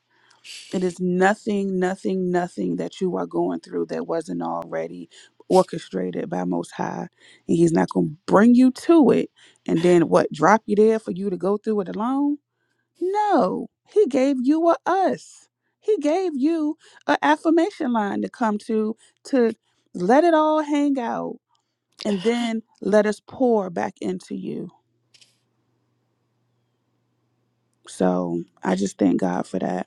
[SPEAKER 1] It is nothing, nothing, nothing that you are going through that wasn't already orchestrated by Most High. And He's not going to bring you to it and then what, drop you there for you to go through it alone? No, He gave you a us. He gave you an affirmation line to come to, to let it all hang out and then let us pour back into you. So I just thank God for that.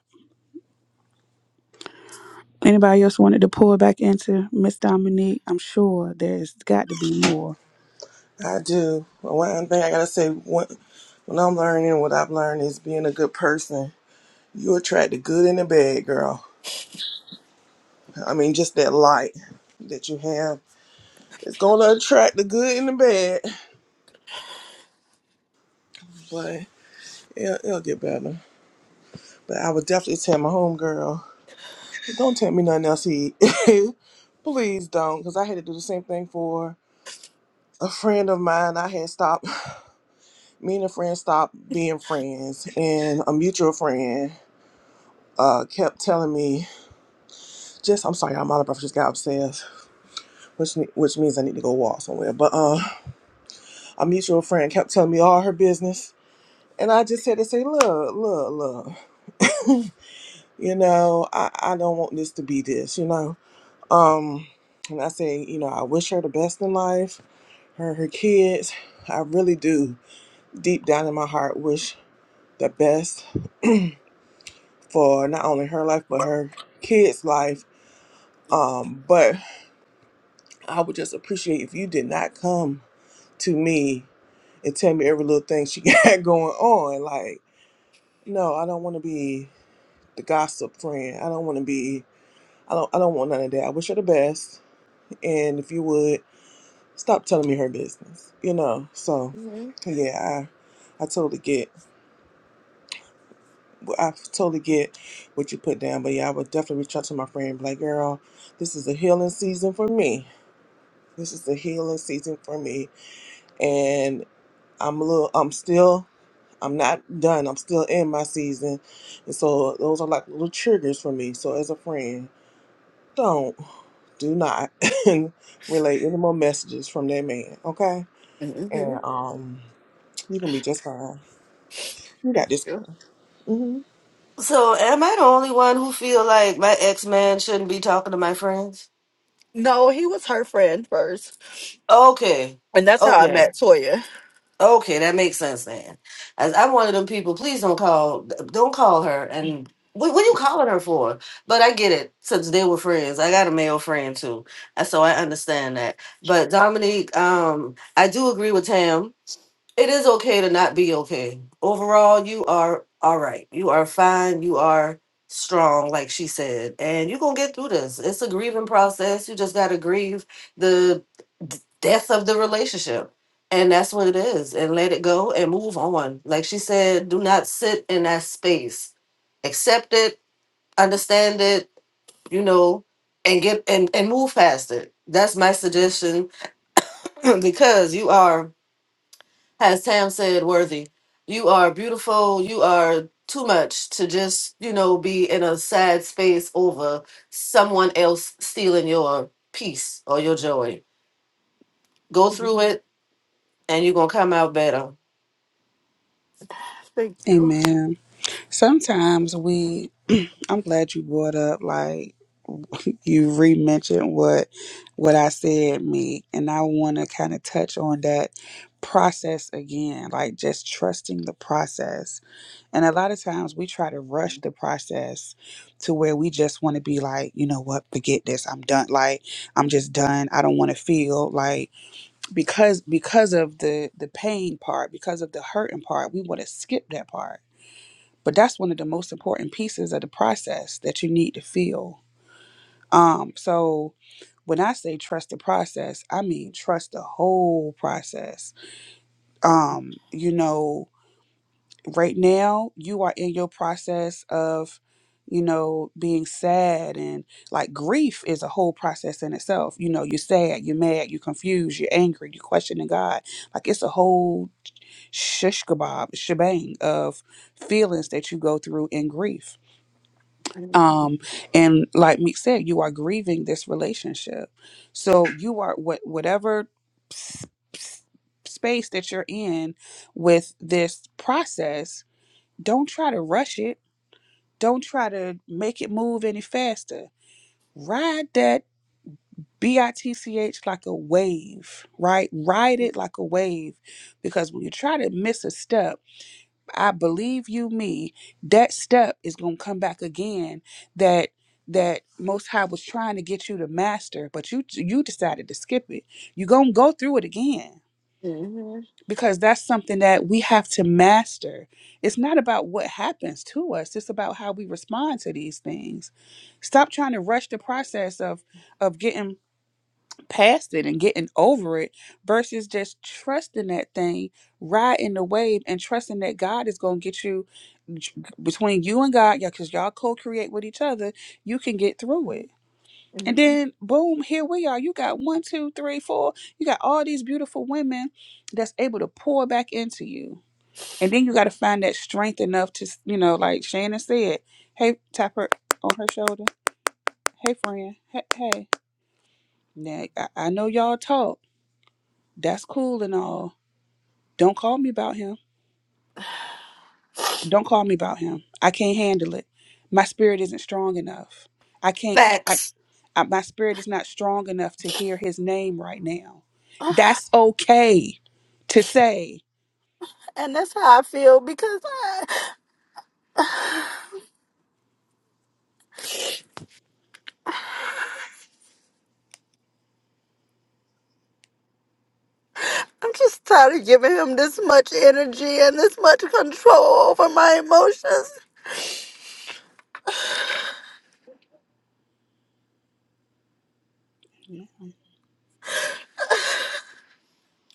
[SPEAKER 1] Anybody else wanted to pour back into Miss Dominique? I'm sure there's got to be more.
[SPEAKER 3] I do. One thing I gotta say, one, when I'm learning, what I've learned is being a good person. You attract the good and the bad, girl. I mean, just that light that you have. It's gonna attract the good and the bad, but it'll, it'll get better. But I would definitely tell my homegirl, don't tell me nothing else he eat. Please don't, because I had to do the same thing for a friend of mine. I had stopped, me and a friend stopped being friends, and a mutual friend uh, kept telling me, just, I'm sorry, I'm out of breath, just got upstairs, which, me- which means I need to go walk somewhere. But uh, a mutual friend kept telling me all her business. And I just had to say, look, look, look. you know, I, I don't want this to be this, you know. Um, and I say, you know, I wish her the best in life, her her kids. I really do, deep down in my heart, wish the best for not only her life but her kids' life. Um, but I would just appreciate if you did not come to me and tell me every little thing she got going on. Like, no, I don't want to be the gossip friend. I don't want to be. I don't. I don't want none of that. I wish her the best, and if you would stop telling me her business. You know, so
[SPEAKER 5] Mhm.
[SPEAKER 3] yeah, I I totally get I totally get what you put down, but yeah, I would definitely reach out to my friend, and be like, girl, this is a healing season for me. This is a healing season for me, and I'm a little, I'm still. I'm not done. I'm still in my season. And so those are like little triggers for me. So as a friend, don't, do not relay any more messages from that man. Okay. And
[SPEAKER 5] Mhm.
[SPEAKER 3] um you can be just fine. You got
[SPEAKER 5] Thank
[SPEAKER 3] this,
[SPEAKER 5] you.
[SPEAKER 3] girl. hmm
[SPEAKER 4] So, am I the only one who feel like my ex man shouldn't be talking to my friends?
[SPEAKER 5] No, he was her friend first,
[SPEAKER 4] Okay.
[SPEAKER 5] and that's how I
[SPEAKER 4] Okay.
[SPEAKER 5] met Toya.
[SPEAKER 4] Okay, that makes sense then. As I'm one of them people, please don't call, don't call her. And what, what are you calling her for? But I get it, since they were friends. I got a male friend too, uh, so I understand that. But Dominique, um, I do agree with Tam. It is okay to not be okay. Overall, you are all right. You are fine. You are strong, like she said, and you're gonna get through this. It's a grieving process. You just gotta grieve the death of the relationship. And that's what it is. And let it go and move on. Like she said, do not sit in that space. Accept it, understand it, you know, and get and, and move past it. That's my suggestion because you are, as Tam said, worthy. You are beautiful. You are too much to just, you know, be in a sad space over someone else stealing your peace or your joy. Go through it and you're gonna come out better
[SPEAKER 5] Thank you.
[SPEAKER 1] Amen. Sometimes we, I'm glad you brought up, like you re-mentioned what what I said, me, and I want to kind of touch on that process again, like just trusting the process. And a lot of times we try to rush the process to where we just want to be like, you know what, forget this. I'm done. Like, I'm just done. I don't want to feel like because because of the the pain part because of the hurting part we want to skip that part but that's one of the most important pieces of the process that you need to feel um so when i say trust the process i mean trust the whole process um you know right now you are in your process of you know being sad and like grief is a whole process in itself you know you're sad you're mad you're confused you're angry you're questioning god like it's a whole shish kebab, shebang of feelings that you go through in grief.
[SPEAKER 5] hmm
[SPEAKER 1] Um, and like Meek said, you are grieving this relationship. So you are what whatever s- s- space that you're in with this process. Don't try to rush it. Don't try to make it move any faster. Ride that bitch like a wave, right? Ride it like a wave, because when you try to miss a step I believe you me, that step is going to come back again that that most high was trying to get you to master, but you you decided to skip it. You're going to go through it again because that's something that we have to master. It's not about what happens to us, it's about how we respond to these things. Stop trying to rush the process of of getting past it and getting over it versus just trusting that thing, riding the wave and trusting that God is going to get you between you and God, yeah, because y'all co create with each other, you can get through it. And then, boom, here we are. You got one, two, three, four. You got all these beautiful women that's able to pour back into you. And then you got to find that strength enough to, you know, like Shannon said, hey, tap her on her shoulder. Hey, friend. Hey, hey. Now, I, I know y'all talk. That's cool and all. Don't call me about him. Don't call me about him. I can't handle it. My spirit isn't strong enough. I can't I,
[SPEAKER 4] Facts.
[SPEAKER 1] I my spirit is not strong enough to hear his name right now. That's okay to say.
[SPEAKER 5] And that's how I feel because I, I'm just tired of giving him this much energy and this much control over my emotions.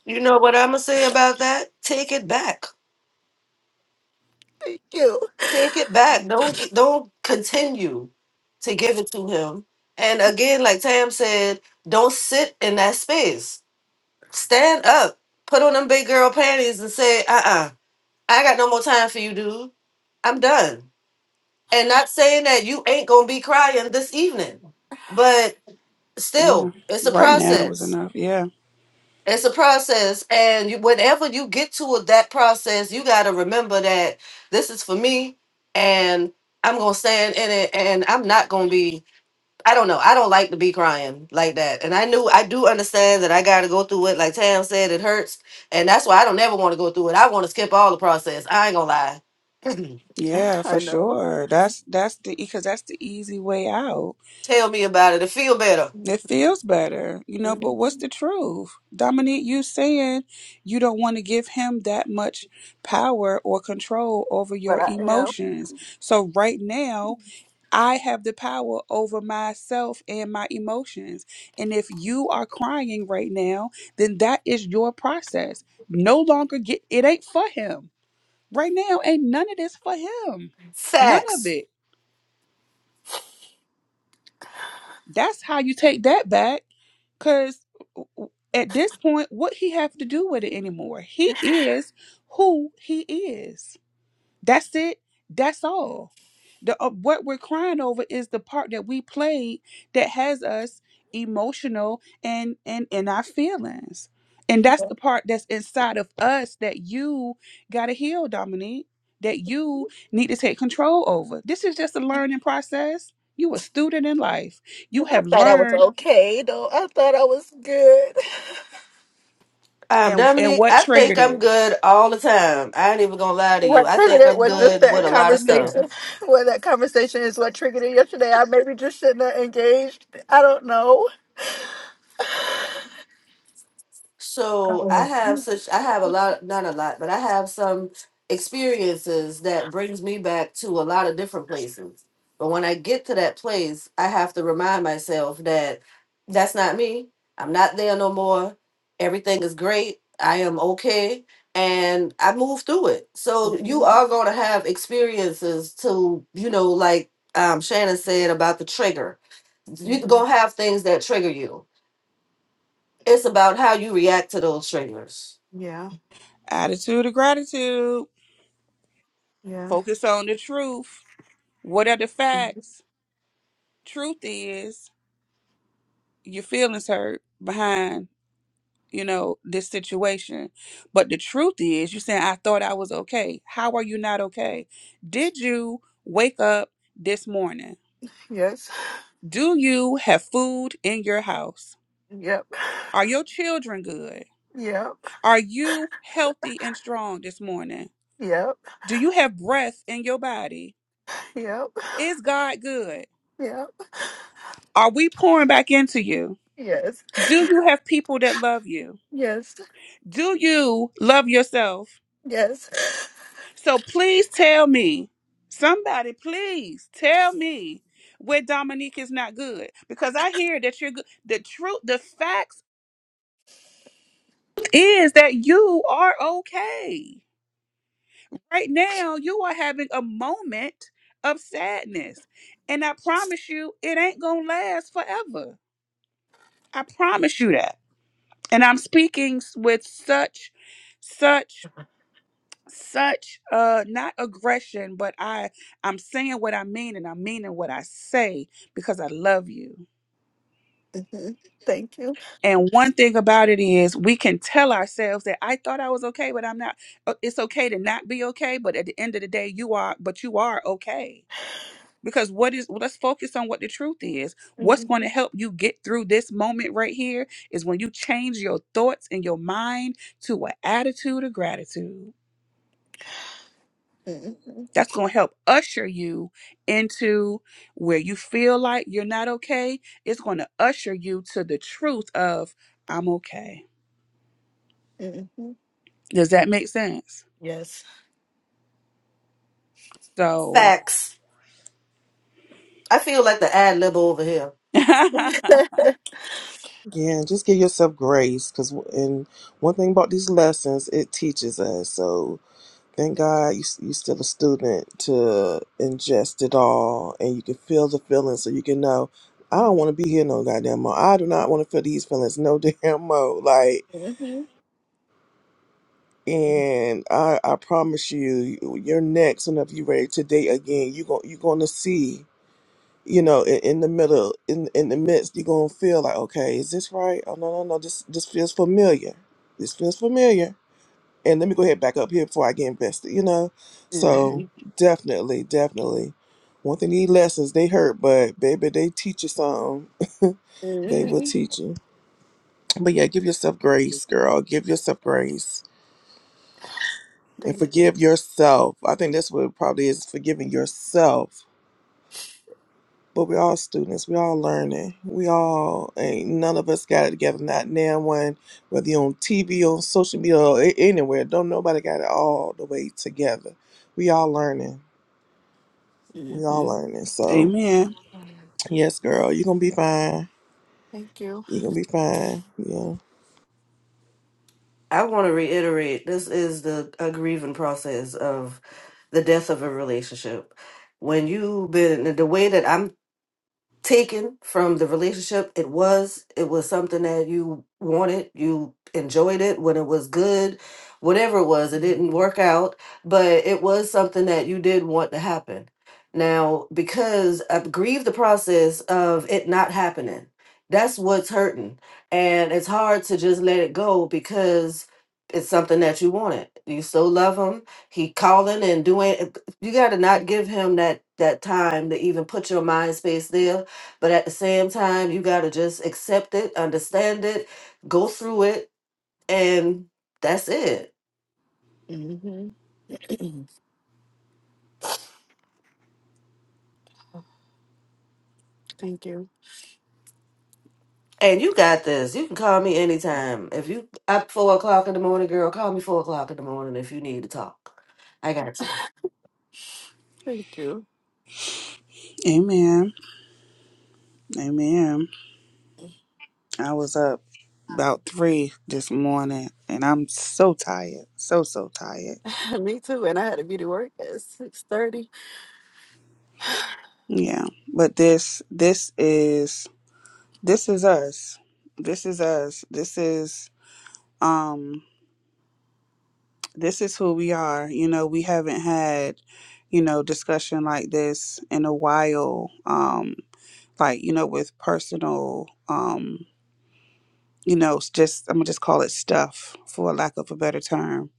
[SPEAKER 4] You know what I'm gonna say about that? Take it back.
[SPEAKER 5] Thank you.
[SPEAKER 4] Take it back.
[SPEAKER 1] Mm,
[SPEAKER 4] Don't g- don't continue to give it to him. And again, like Tam said, don't sit in that space. Stand up. Put on them big girl panties and say, "Uh-uh, I got no more time for you, dude. I'm done." And not saying that you ain't gonna be crying this evening, but
[SPEAKER 1] Yeah.
[SPEAKER 4] still, it's a
[SPEAKER 1] Right now is
[SPEAKER 4] process.
[SPEAKER 1] enough. Yeah.
[SPEAKER 4] It's a process, and you, whenever you get to a, that process, you got to remember that this is for me, and I'm gonna stand in it, and I'm not gonna be. I don't know. I don't like to be crying like that, and I knew I do understand that I got to go through it. Like Tam said, it hurts, and that's why I don't ever want to go through it. I want to skip all the process. I ain't gonna lie.
[SPEAKER 1] Yeah, for
[SPEAKER 5] I know.
[SPEAKER 1] sure. That's that's the because that's the easy way out.
[SPEAKER 4] Tell me about it. It feel better.
[SPEAKER 1] It feels better, you know, but what's
[SPEAKER 5] Mhm.
[SPEAKER 1] the truth? Dominique, you saying you don't want to give him that much power or control over
[SPEAKER 5] But
[SPEAKER 1] your
[SPEAKER 5] I am.
[SPEAKER 1] emotions. So right now, I have the power over myself and my emotions. And if you are crying right now, then that is your process. No longer get it ain't for him. Right now, ain't none of this for him. None of
[SPEAKER 4] Facts.
[SPEAKER 1] it. That's how you take that back. Cause at this point, what he have to do with it anymore? He is who he is. That's it. That's all. The uh, what we're crying over is the part that we played that has us emotional and and in our feelings, and that's the part that's inside of us that you gotta heal, Dominique. That you need to take control over. This is just a learning process. You a student in life. You
[SPEAKER 5] And I
[SPEAKER 1] have
[SPEAKER 5] thought I was
[SPEAKER 1] learned
[SPEAKER 5] okay, though. I thought I was good.
[SPEAKER 4] Um,
[SPEAKER 1] And and
[SPEAKER 4] Dominique,
[SPEAKER 1] what
[SPEAKER 4] I
[SPEAKER 1] triggered
[SPEAKER 4] think I'm
[SPEAKER 1] it?
[SPEAKER 4] good all the time. I ain't even gonna lie to you.
[SPEAKER 5] What
[SPEAKER 4] I
[SPEAKER 5] triggered
[SPEAKER 4] think
[SPEAKER 5] it
[SPEAKER 4] I'm
[SPEAKER 5] was
[SPEAKER 1] Go
[SPEAKER 5] just
[SPEAKER 1] get
[SPEAKER 4] good with
[SPEAKER 5] that
[SPEAKER 4] a
[SPEAKER 1] dressed.
[SPEAKER 4] lot of stuff.
[SPEAKER 5] conversation. Well, that conversation is what triggered it yesterday. I maybe just shouldn't have engaged. I don't know.
[SPEAKER 4] So I have such I have a lot not a lot, but I have some experiences that brings me back to a lot of different places. But when I get to that place, I have to remind myself that that's not me. I'm not there no more. Everything is great. I am okay and I move through it. So you
[SPEAKER 5] hmm
[SPEAKER 4] are going to have experiences to, you know, like um, Shannon said about the trigger. You're
[SPEAKER 5] hmm
[SPEAKER 4] going to have things that trigger you. It's about how you react to those triggers
[SPEAKER 5] Yeah.
[SPEAKER 1] Attitude of gratitude.
[SPEAKER 5] Yeah.
[SPEAKER 1] Focus on the truth. What are the
[SPEAKER 5] Mhm.
[SPEAKER 1] facts? Truth is your feelings hurt behind, you know, this situation. But the truth is you saying I thought I was okay. How are you not okay? Did you wake up this morning?
[SPEAKER 5] Yes.
[SPEAKER 1] Do you have food in your house?
[SPEAKER 5] Yep.
[SPEAKER 1] Are your children good?
[SPEAKER 5] Yep,
[SPEAKER 1] Are you healthy and strong this morning?
[SPEAKER 5] yep,
[SPEAKER 1] Do you have breath in your body?
[SPEAKER 5] yep,
[SPEAKER 1] Is God good?
[SPEAKER 5] yep.
[SPEAKER 1] Are we pouring back into you?
[SPEAKER 5] Yes,
[SPEAKER 1] Do you have people that love you?
[SPEAKER 5] yes,
[SPEAKER 1] Do you love yourself?
[SPEAKER 5] yes.
[SPEAKER 1] So please tell me, somebody, please tell me where Dominique is not good because I hear that you're good. The truth, the facts is that you are okay. Right now, you are having a moment of sadness, and I promise you, it ain't gonna last forever. I promise you that. and I'm speaking s- with such, such, such uh not aggression, but I I'm saying what I mean and I'm meaning what I say because I love you.
[SPEAKER 5] hmm Thank you.
[SPEAKER 1] And one thing about it is we can tell ourselves that I thought I was okay, but I'm not. Uh, It's okay to not be okay, but at the end of the day, you are. But you are okay. Because what is, let's focus on what the truth is. What's going
[SPEAKER 5] hmm
[SPEAKER 1] to help you get through this moment right here is when you change your thoughts and your mind to an attitude of gratitude.
[SPEAKER 5] hmm
[SPEAKER 1] That's going to help usher you into where you feel like you're not okay. It's going to usher you to the truth of, I'm okay.
[SPEAKER 5] hmm
[SPEAKER 1] Does that make sense?
[SPEAKER 5] Yes.
[SPEAKER 1] So,
[SPEAKER 4] Facts. I feel like the ad lib over here.
[SPEAKER 5] hmm
[SPEAKER 3] Yeah, just give yourself grace, because and one thing about these lessons, it teaches us. So thank God you you still a student to ingest it all, and you can feel the feelings, so you can know I don't want to be here no goddamn more. I do not want to feel these feelings no damn more. Like,
[SPEAKER 5] hmm
[SPEAKER 3] and I I promise you, you're next whenever you're ready to date again. You go you're gonna see. you know in, in the middle in in the midst you're gonna feel like okay is this right oh no no no this this feels familiar this feels familiar and let me go ahead back up here before i get invested you know so definitely definitely one thing these lessons they hurt but baby they teach you something they will
[SPEAKER 5] hmm
[SPEAKER 3] teach you but yeah give yourself grace girl give yourself grace and
[SPEAKER 5] Thank you.
[SPEAKER 3] forgive yourself i think that's what it probably is forgiving yourself But we all students, we all learning. We all ain't none of us got it together. Not now one, whether you on TV, on social media, or a- anywhere. Don't nobody got it all the way together. We all learning. We all
[SPEAKER 5] hmm
[SPEAKER 3] learning. So
[SPEAKER 1] amen.
[SPEAKER 3] yes, girl, you gonna be fine.
[SPEAKER 5] Thank you.
[SPEAKER 3] you gonna be fine. Yeah.
[SPEAKER 4] I want to reiterate this is the a grieving process of the death of a relationship. When you've been the way that I'm taken from the relationship it was it was something that you wanted you enjoyed it when it was good whatever it was it didn't work out but it was something that you did want to happen now because i grieve the process of it not happening that's what's hurting and it's hard to just let it go because it's something that you wanted you still love him he calling and doing you got to not give him that that time to even put your mind space there but at the same time, you got to just accept it, understand it, go through it, and that's it.
[SPEAKER 5] hmm Thank you.
[SPEAKER 4] And you got this. You can call me anytime. If you up four o'clock in the morning, girl, call me four o'clock in the morning if you need to talk. I got you.
[SPEAKER 5] Thank you.
[SPEAKER 1] Amen. Amen. I was up about three this morning, and I'm so tired, so so tired.
[SPEAKER 5] Me too. And I had to be to work at six thirty.
[SPEAKER 1] Yeah, but this this is this is us. This is us. This is um this is who we are. You know, we haven't had you know discussion like this in a while. Um, like you know, with personal um, you know, s- just I'm gonna just call it stuff for lack of a better term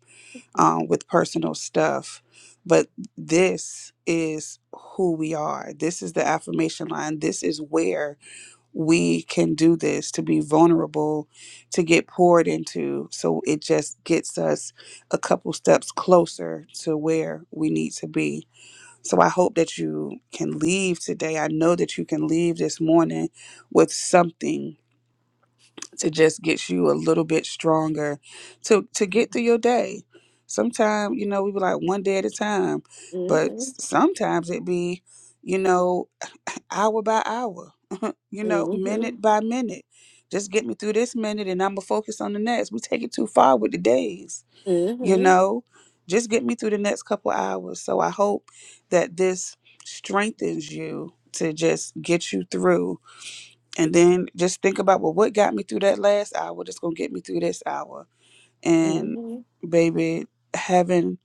[SPEAKER 1] um, with personal stuff. But this is who we are. This is the affirmation line. This is where we can do this to be vulnerable, to get poured into. So it just gets us a couple steps closer to where we need to be. So I hope that you can leave today. I know that you can leave this morning with something to just get you a little bit stronger to to get
[SPEAKER 5] Mm-hmm.
[SPEAKER 1] through your day. Sometimes, you know, we be like one day at a time, but
[SPEAKER 5] hmm
[SPEAKER 1] s- sometimes it be, you know, hour by hour, you know, minute by minute. Just get me through this minute and I'm gonna focus on the next. We take it too far with the days, you
[SPEAKER 5] hmm
[SPEAKER 1] know. Just get me through the next couple hours. So I hope that this strengthens you to just get you through and then just think about well what got me through that last hour that's gonna get me through this hour and
[SPEAKER 5] Mm-hmm.
[SPEAKER 1] baby having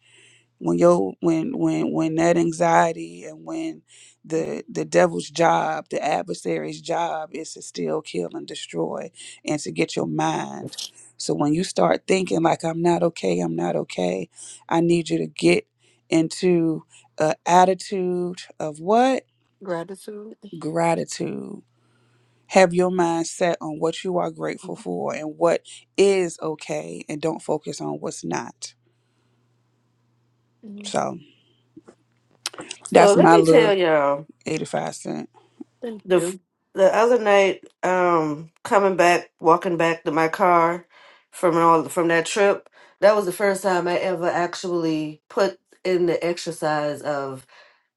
[SPEAKER 1] when your when when when that anxiety and when the the devil's job the adversary's job is to steal kill and destroy and to get your mind so when you start thinking like i'm not okay i'm not okay i need you to get into a attitude of what
[SPEAKER 5] Gratitude.
[SPEAKER 1] gratitude have your mind set on what you are grateful
[SPEAKER 5] Mhm.
[SPEAKER 1] for and what is okay, and don't focus on what's not. So
[SPEAKER 4] So
[SPEAKER 1] that's
[SPEAKER 4] let
[SPEAKER 1] my
[SPEAKER 4] me tell
[SPEAKER 1] little
[SPEAKER 4] y'all
[SPEAKER 1] 85 cent.
[SPEAKER 5] Thank
[SPEAKER 4] the f-
[SPEAKER 5] you.
[SPEAKER 4] the other night, um, coming back, walking back to my car from all from that trip. That was the first time I ever actually put in the exercise of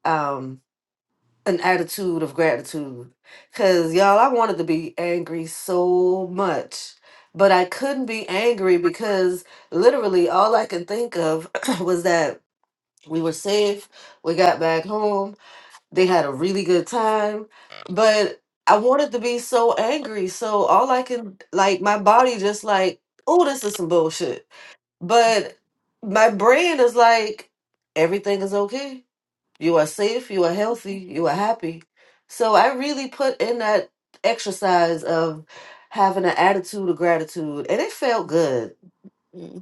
[SPEAKER 4] um, an attitude of gratitude because y'all i wanted to be angry so much but i couldn't be angry because literally all i can think of was that we were safe we got back home they had a really good time but i wanted to be so angry so all i can like my body just like oh this is some bullshit but my brain is like everything is okay you are safe, you are healthy, you are happy. So I really put in that exercise of having an attitude of gratitude, and it felt good.
[SPEAKER 5] Mm-hmm.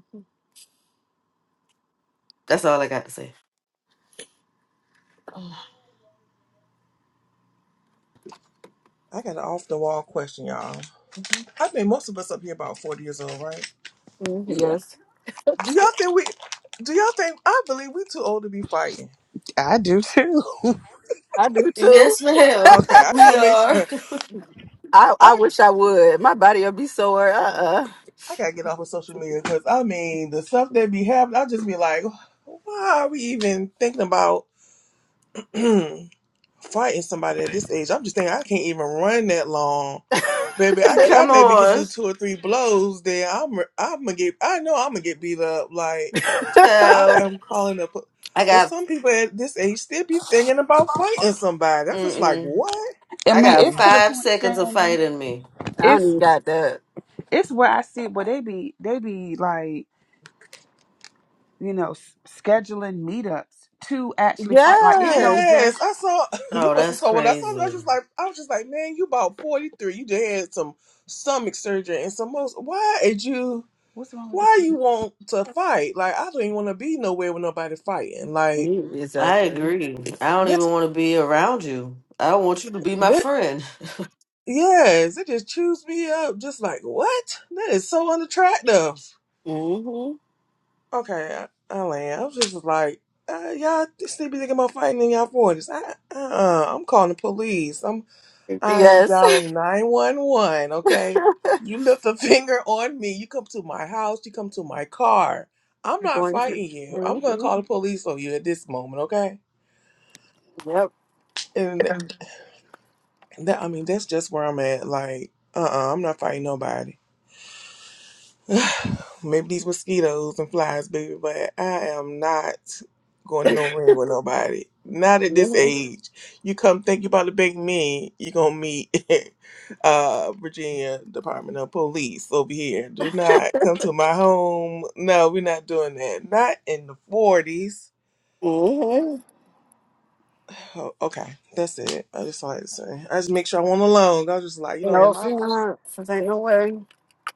[SPEAKER 4] That's all I got to say.
[SPEAKER 3] I got an off the wall question, y'all. I think most of us up here about forty years old, right?
[SPEAKER 5] Mm-hmm.
[SPEAKER 1] Yeah,
[SPEAKER 5] Yes.
[SPEAKER 3] Do y'all think we do y'all think I believe we too old to be fighting?
[SPEAKER 1] I do too.
[SPEAKER 5] I do too.
[SPEAKER 4] Yes, ma'am.
[SPEAKER 3] Okay, I just
[SPEAKER 4] We
[SPEAKER 3] wanna make
[SPEAKER 4] are.
[SPEAKER 3] sure.
[SPEAKER 5] I, I
[SPEAKER 3] I
[SPEAKER 5] wish I would. My body will be sore. Uh
[SPEAKER 3] I gotta get off of social media because I mean the stuff that be happening, I just be like, why are we even thinking about fighting somebody at this age? I'm just thinking I can't even run that long,
[SPEAKER 5] uh
[SPEAKER 3] baby. I could, I
[SPEAKER 4] Come
[SPEAKER 3] maybe could
[SPEAKER 4] on,
[SPEAKER 3] do two or three blows. Then I'm I'm gonna get I know I'm gonna get beat up. Like
[SPEAKER 5] I
[SPEAKER 3] I
[SPEAKER 4] so
[SPEAKER 3] am calling up,
[SPEAKER 4] I
[SPEAKER 3] but
[SPEAKER 4] got,
[SPEAKER 3] some people at this age still be thinking about fighting somebody. I'm just like,
[SPEAKER 4] mm-mm,
[SPEAKER 3] what?
[SPEAKER 1] I
[SPEAKER 4] I
[SPEAKER 1] mean,
[SPEAKER 4] got
[SPEAKER 1] it's to the
[SPEAKER 4] five
[SPEAKER 1] point,
[SPEAKER 4] seconds of
[SPEAKER 1] Shannon.
[SPEAKER 4] fight in me.
[SPEAKER 5] don't
[SPEAKER 1] It's
[SPEAKER 5] even got that.
[SPEAKER 1] it's where I see where they be they be like you know s- scheduling meetups to actually fight. Like it
[SPEAKER 5] Yes.
[SPEAKER 1] don't just
[SPEAKER 3] Yes, I saw you
[SPEAKER 4] Oh,
[SPEAKER 3] must have
[SPEAKER 4] that's
[SPEAKER 3] saw when I saw it, I was just
[SPEAKER 4] crazy.
[SPEAKER 3] like I was just like, man, you about forty three. You done had some stomach surgery and some most why did you
[SPEAKER 1] what's wrong with the
[SPEAKER 3] why you
[SPEAKER 1] phone?
[SPEAKER 3] want to fight? Like I don't even want to be nowhere with nobody fighting. Like
[SPEAKER 5] Mm,
[SPEAKER 4] I
[SPEAKER 5] Exactly.
[SPEAKER 4] agree. I don't even
[SPEAKER 3] that's
[SPEAKER 4] want to be around you. I want you to be my
[SPEAKER 3] good
[SPEAKER 4] friend.
[SPEAKER 3] yes, it just chews me up just like what? That is so unattractive.
[SPEAKER 5] hmm
[SPEAKER 3] Okay, I, I land. I was just like uh, y'all still be thinking about fighting in y'all forties. I, uh, I'm calling the police. I am
[SPEAKER 5] Yes.
[SPEAKER 3] dialing 911, okay?
[SPEAKER 5] You're
[SPEAKER 3] You lift a finger on me, you come to my house, you come to my car. I'm not
[SPEAKER 5] going to.
[SPEAKER 3] fighting you. I'm gonna call
[SPEAKER 5] hmm
[SPEAKER 3] the police on you at this moment, okay?
[SPEAKER 5] Yep.
[SPEAKER 3] And that, I mean, that's just where I'm at. Like, uh uh-uh, uh, i am not fighting nobody. Maybe these mosquitoes and flies, baby, but I am not going in no ring with nobody. Not at this
[SPEAKER 5] hmm
[SPEAKER 3] age. You come think you about to beg me, you gonna meet uh Virginia Department of Police over here. Do not come to my home. No, we're not doing that. Not in the forties.
[SPEAKER 5] hmm
[SPEAKER 3] Oh, okay, that's it. I just like to say. I just make sure I want alone. I was just like, you know,
[SPEAKER 5] No,
[SPEAKER 3] am I
[SPEAKER 5] uh, since ain't no way.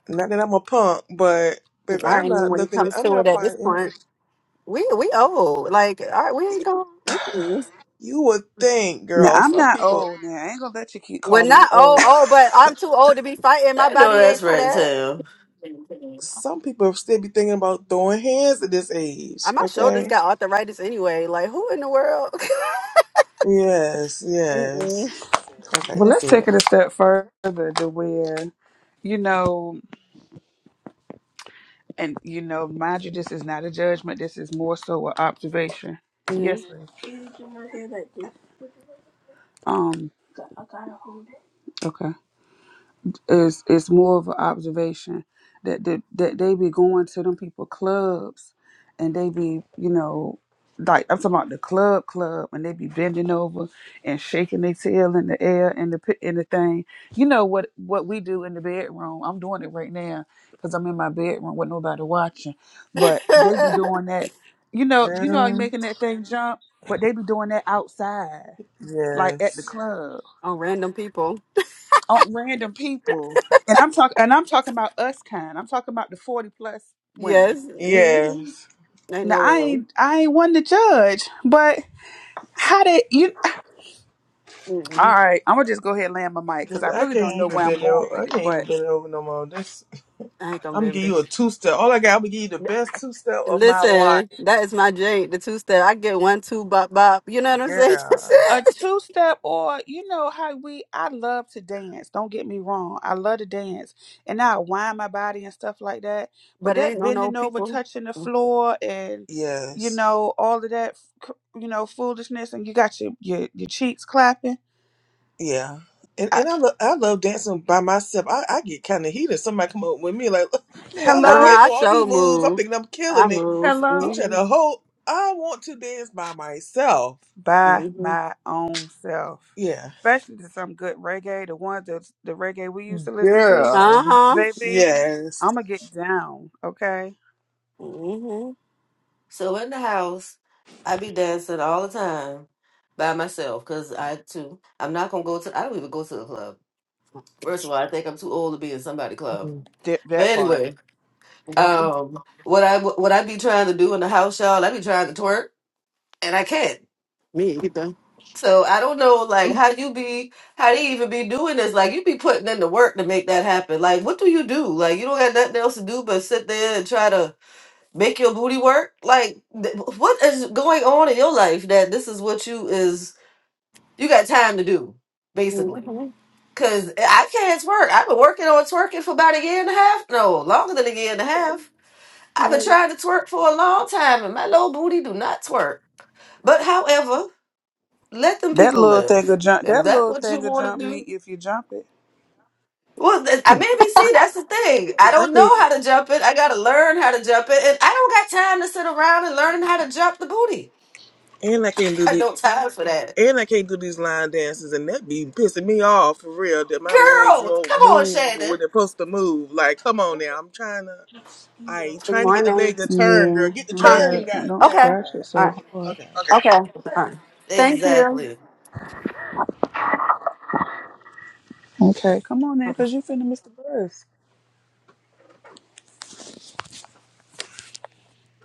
[SPEAKER 3] not that I'm a punk, but baby,
[SPEAKER 5] I
[SPEAKER 3] I'm
[SPEAKER 5] ain't
[SPEAKER 3] not
[SPEAKER 5] when it
[SPEAKER 3] nothing
[SPEAKER 5] comes
[SPEAKER 3] I'm
[SPEAKER 5] to
[SPEAKER 3] not
[SPEAKER 5] it at this
[SPEAKER 3] fighting.
[SPEAKER 5] point. We we old. Like all right, we ain't going. mm
[SPEAKER 3] You would think,
[SPEAKER 1] Now
[SPEAKER 3] girl,
[SPEAKER 1] I'm
[SPEAKER 3] some
[SPEAKER 1] not
[SPEAKER 3] people
[SPEAKER 1] old. Now I ain't gonna let you keep
[SPEAKER 5] We're
[SPEAKER 1] calling me
[SPEAKER 5] not old,
[SPEAKER 1] old.
[SPEAKER 5] old, but I'm too old to be fighting. My
[SPEAKER 4] I know
[SPEAKER 5] body ain't
[SPEAKER 4] that's
[SPEAKER 5] for
[SPEAKER 4] right,
[SPEAKER 5] that.
[SPEAKER 4] Tam.
[SPEAKER 5] Uh,
[SPEAKER 3] some people still be thinking about throwing hands at this age,
[SPEAKER 5] My shoulders
[SPEAKER 3] okay?
[SPEAKER 5] got arthritis anyway. Like, who in the world?
[SPEAKER 3] Yes, yes.
[SPEAKER 5] Mm-mm.
[SPEAKER 3] Okay,
[SPEAKER 1] Well,
[SPEAKER 3] that's
[SPEAKER 1] let's take
[SPEAKER 3] it.
[SPEAKER 1] it a step further to where, you know, and you know, mind you, this is not a judgment. This is more so an observation. Yes,
[SPEAKER 5] Mhm.
[SPEAKER 1] ma'am. Um. Okay. It's it's more of an observation that that, that they be going to them people clubs, and they be you know. Like I'm talking about the club, club, and they be bending over and shaking their tail in the air and the pi- and the thing. You know what what we do in the bedroom? I'm doing it right now because I'm in my bedroom with nobody watching. But they be doing that. You know, you know, how you
[SPEAKER 3] Girl,
[SPEAKER 1] making that thing jump, but they be doing that outside, like at the
[SPEAKER 3] yes.
[SPEAKER 1] club
[SPEAKER 5] On random people.
[SPEAKER 1] on random people. And I'm talking and I'm talking about us kind. I'm talking about the 40 plus women.
[SPEAKER 5] Yes. hmm
[SPEAKER 3] Yes.
[SPEAKER 5] Ain't
[SPEAKER 1] Now
[SPEAKER 5] no
[SPEAKER 1] I
[SPEAKER 5] way.
[SPEAKER 1] ain't I ain't one to judge, but how did you all
[SPEAKER 5] Mm-mm.
[SPEAKER 1] right, I'm gonna just go ahead and land my mic because
[SPEAKER 3] 'Cause
[SPEAKER 1] I
[SPEAKER 3] I
[SPEAKER 1] really don't
[SPEAKER 3] can't
[SPEAKER 1] know
[SPEAKER 3] even
[SPEAKER 1] where I'm
[SPEAKER 3] bend it
[SPEAKER 1] going
[SPEAKER 3] over. I
[SPEAKER 1] with it.
[SPEAKER 3] can't even
[SPEAKER 1] But
[SPEAKER 3] bend it over no more. This
[SPEAKER 5] I ain't gonna
[SPEAKER 3] I'm
[SPEAKER 5] be
[SPEAKER 3] gonna
[SPEAKER 5] able
[SPEAKER 3] give
[SPEAKER 5] to.
[SPEAKER 3] you a two step. All I got, I'm gonna give you the best two step of my life.
[SPEAKER 5] Listen, that is my drink, the two step. I get one, two, bop, bop. You know what I'm saying?
[SPEAKER 3] Girl.
[SPEAKER 1] a two step or you know how we I love to dance. Don't get me wrong. I love to dance. And I wind my body and stuff like that. But
[SPEAKER 5] but it
[SPEAKER 1] that
[SPEAKER 5] ain't on no
[SPEAKER 1] bending over,
[SPEAKER 5] people.
[SPEAKER 1] touching the
[SPEAKER 5] Uh
[SPEAKER 1] floor and you
[SPEAKER 3] Yes.
[SPEAKER 1] know, all of that you know, foolishness and you got your your, your cheeks clapping
[SPEAKER 3] Yeah. And
[SPEAKER 1] I,
[SPEAKER 3] and I love I love dancing by myself. I, I get kind of heated. Somebody come up with me like, "Look, nigga, I'm
[SPEAKER 5] huh.
[SPEAKER 3] over here
[SPEAKER 1] hello,
[SPEAKER 5] I
[SPEAKER 3] doing all these
[SPEAKER 5] show
[SPEAKER 3] moves. I'm
[SPEAKER 5] move.
[SPEAKER 3] thinking I'm
[SPEAKER 5] I
[SPEAKER 3] killing it.
[SPEAKER 5] move.
[SPEAKER 3] Each
[SPEAKER 1] hello,
[SPEAKER 3] other,
[SPEAKER 5] hmm
[SPEAKER 3] whole. I want to dance by myself.
[SPEAKER 1] by
[SPEAKER 5] hmm
[SPEAKER 1] my own self,
[SPEAKER 3] Yeah.
[SPEAKER 1] especially to some good reggae, the ones that the reggae we used to listen to,
[SPEAKER 5] Uh
[SPEAKER 3] Girl.
[SPEAKER 5] huh.
[SPEAKER 1] baby.
[SPEAKER 3] Yes.
[SPEAKER 1] I'm gonna get down, okay?
[SPEAKER 4] So in the house, I be dancing all the time by myself because I too, I'm not gonna go to. I don't even go to the club. First of all, I think I'm too old to be in somebody's club.
[SPEAKER 5] hmm
[SPEAKER 1] That,
[SPEAKER 4] But
[SPEAKER 1] that part,
[SPEAKER 4] anyway, um, what I what I be trying to do in the house, y'all, I be trying to twerk and I can't.
[SPEAKER 5] Me either.
[SPEAKER 4] So I don't know, like how you be, how they even be doing this. Like you be putting in the work to make that happen. Like what do you do? Like you don't got nothing else to do but sit there and try to make your booty work. Like, th- what is going on in your life that this is what you is you got time to do, basically? Cause I can't twerk. I've been working on twerking for about a year and a half. No, longer than a year and a half. I've been trying to twerk for a long time, and my little booty do not twerk. But however, let them
[SPEAKER 1] that
[SPEAKER 4] people
[SPEAKER 1] little thing will
[SPEAKER 4] live.
[SPEAKER 1] jump.
[SPEAKER 4] If
[SPEAKER 1] That
[SPEAKER 4] that
[SPEAKER 1] little
[SPEAKER 4] what you
[SPEAKER 1] thing will
[SPEAKER 4] want to
[SPEAKER 1] jump me
[SPEAKER 4] do.
[SPEAKER 1] if you jump it.
[SPEAKER 4] Well, th- I maybe
[SPEAKER 3] I,
[SPEAKER 4] see that's the thing. I
[SPEAKER 3] I
[SPEAKER 4] don't
[SPEAKER 3] can't
[SPEAKER 4] know how to jump it. I gotta learn how to jump it, and I don't got time to sit around and learning how to jump the booty.
[SPEAKER 3] and I can't do
[SPEAKER 4] got
[SPEAKER 3] the
[SPEAKER 4] no time for that.
[SPEAKER 3] and I can't do these line dances and that be pissing me off for real that my legs
[SPEAKER 4] Girl,
[SPEAKER 3] won't
[SPEAKER 4] come on,
[SPEAKER 3] move when
[SPEAKER 4] Shannon.
[SPEAKER 3] they're supposed to move. Like, come on now. I'm trying to I ain't
[SPEAKER 5] Good
[SPEAKER 3] trying to get the leg
[SPEAKER 5] morning.
[SPEAKER 3] to turn, girl.
[SPEAKER 1] Yeah,
[SPEAKER 3] Get the
[SPEAKER 1] you
[SPEAKER 5] Huh?
[SPEAKER 3] turn
[SPEAKER 1] gotta
[SPEAKER 3] got
[SPEAKER 1] don't
[SPEAKER 5] Okay.
[SPEAKER 3] down
[SPEAKER 1] scratch it
[SPEAKER 3] pat.
[SPEAKER 5] All
[SPEAKER 1] so
[SPEAKER 5] right.
[SPEAKER 1] hard.
[SPEAKER 5] Okay. All right. Thank you.
[SPEAKER 4] Exactly.
[SPEAKER 1] Okay, come on now, cause you finna miss the bus.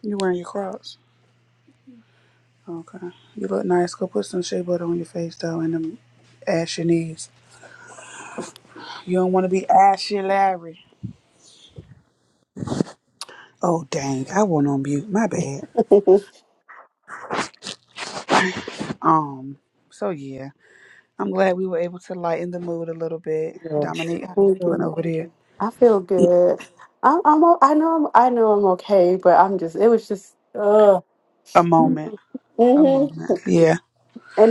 [SPEAKER 1] You wearing your Crocs? Okay, you look nice. Go put some shea butter on your face though, and them ash your knees. You don't want to be Ashy Larry. Oh dang, I went on mute. My bad. Um, so yeah, I'm glad we were able to lighten the mood a little bit.
[SPEAKER 5] Yes.
[SPEAKER 1] Dominique, how you
[SPEAKER 5] Thank
[SPEAKER 1] feeling
[SPEAKER 5] you.
[SPEAKER 1] over there?
[SPEAKER 5] I feel good. I'm, I'm. o- I know. I'm, I know. I'm okay. But I'm just. It was just. Uh.
[SPEAKER 1] A
[SPEAKER 5] hmm
[SPEAKER 1] moment, a
[SPEAKER 5] And
[SPEAKER 1] moment. Yeah,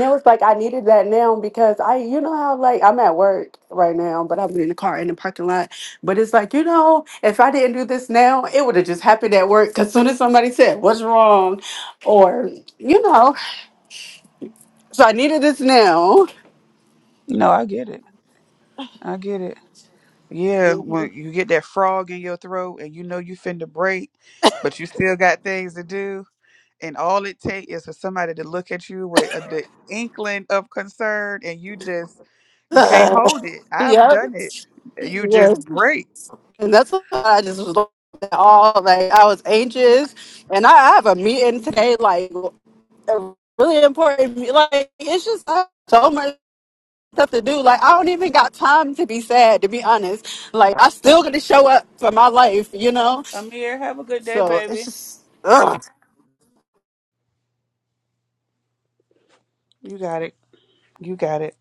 [SPEAKER 5] it was like I needed that now because I, you know how like I'm at work right now, but I'm in the car in the parking lot. But it's like you know, if I didn't do this now, it would have just happened at work. Because soon as somebody said, "What's wrong," or you know, so I needed this now.
[SPEAKER 1] no, I get it. I get it. Yeah, when you get that frog in your throat and you know you finna break, but you still got things to do. and all it takes is for somebody to look at you with a, the inkling of concern and you just you can't hold it i've
[SPEAKER 5] yep.
[SPEAKER 1] done it you just
[SPEAKER 5] Yes.
[SPEAKER 1] break
[SPEAKER 5] And that's why I just was all like I was anxious and I, I have a meeting today, like a really important me- like it's just I have so much stuff to do. Like I don't even got time to be sad, to be honest. Like I still gonna show up for my life, you know?
[SPEAKER 1] Amir, Have a good day,
[SPEAKER 5] So it's
[SPEAKER 1] baby.
[SPEAKER 5] just ugh.
[SPEAKER 1] you got it you got it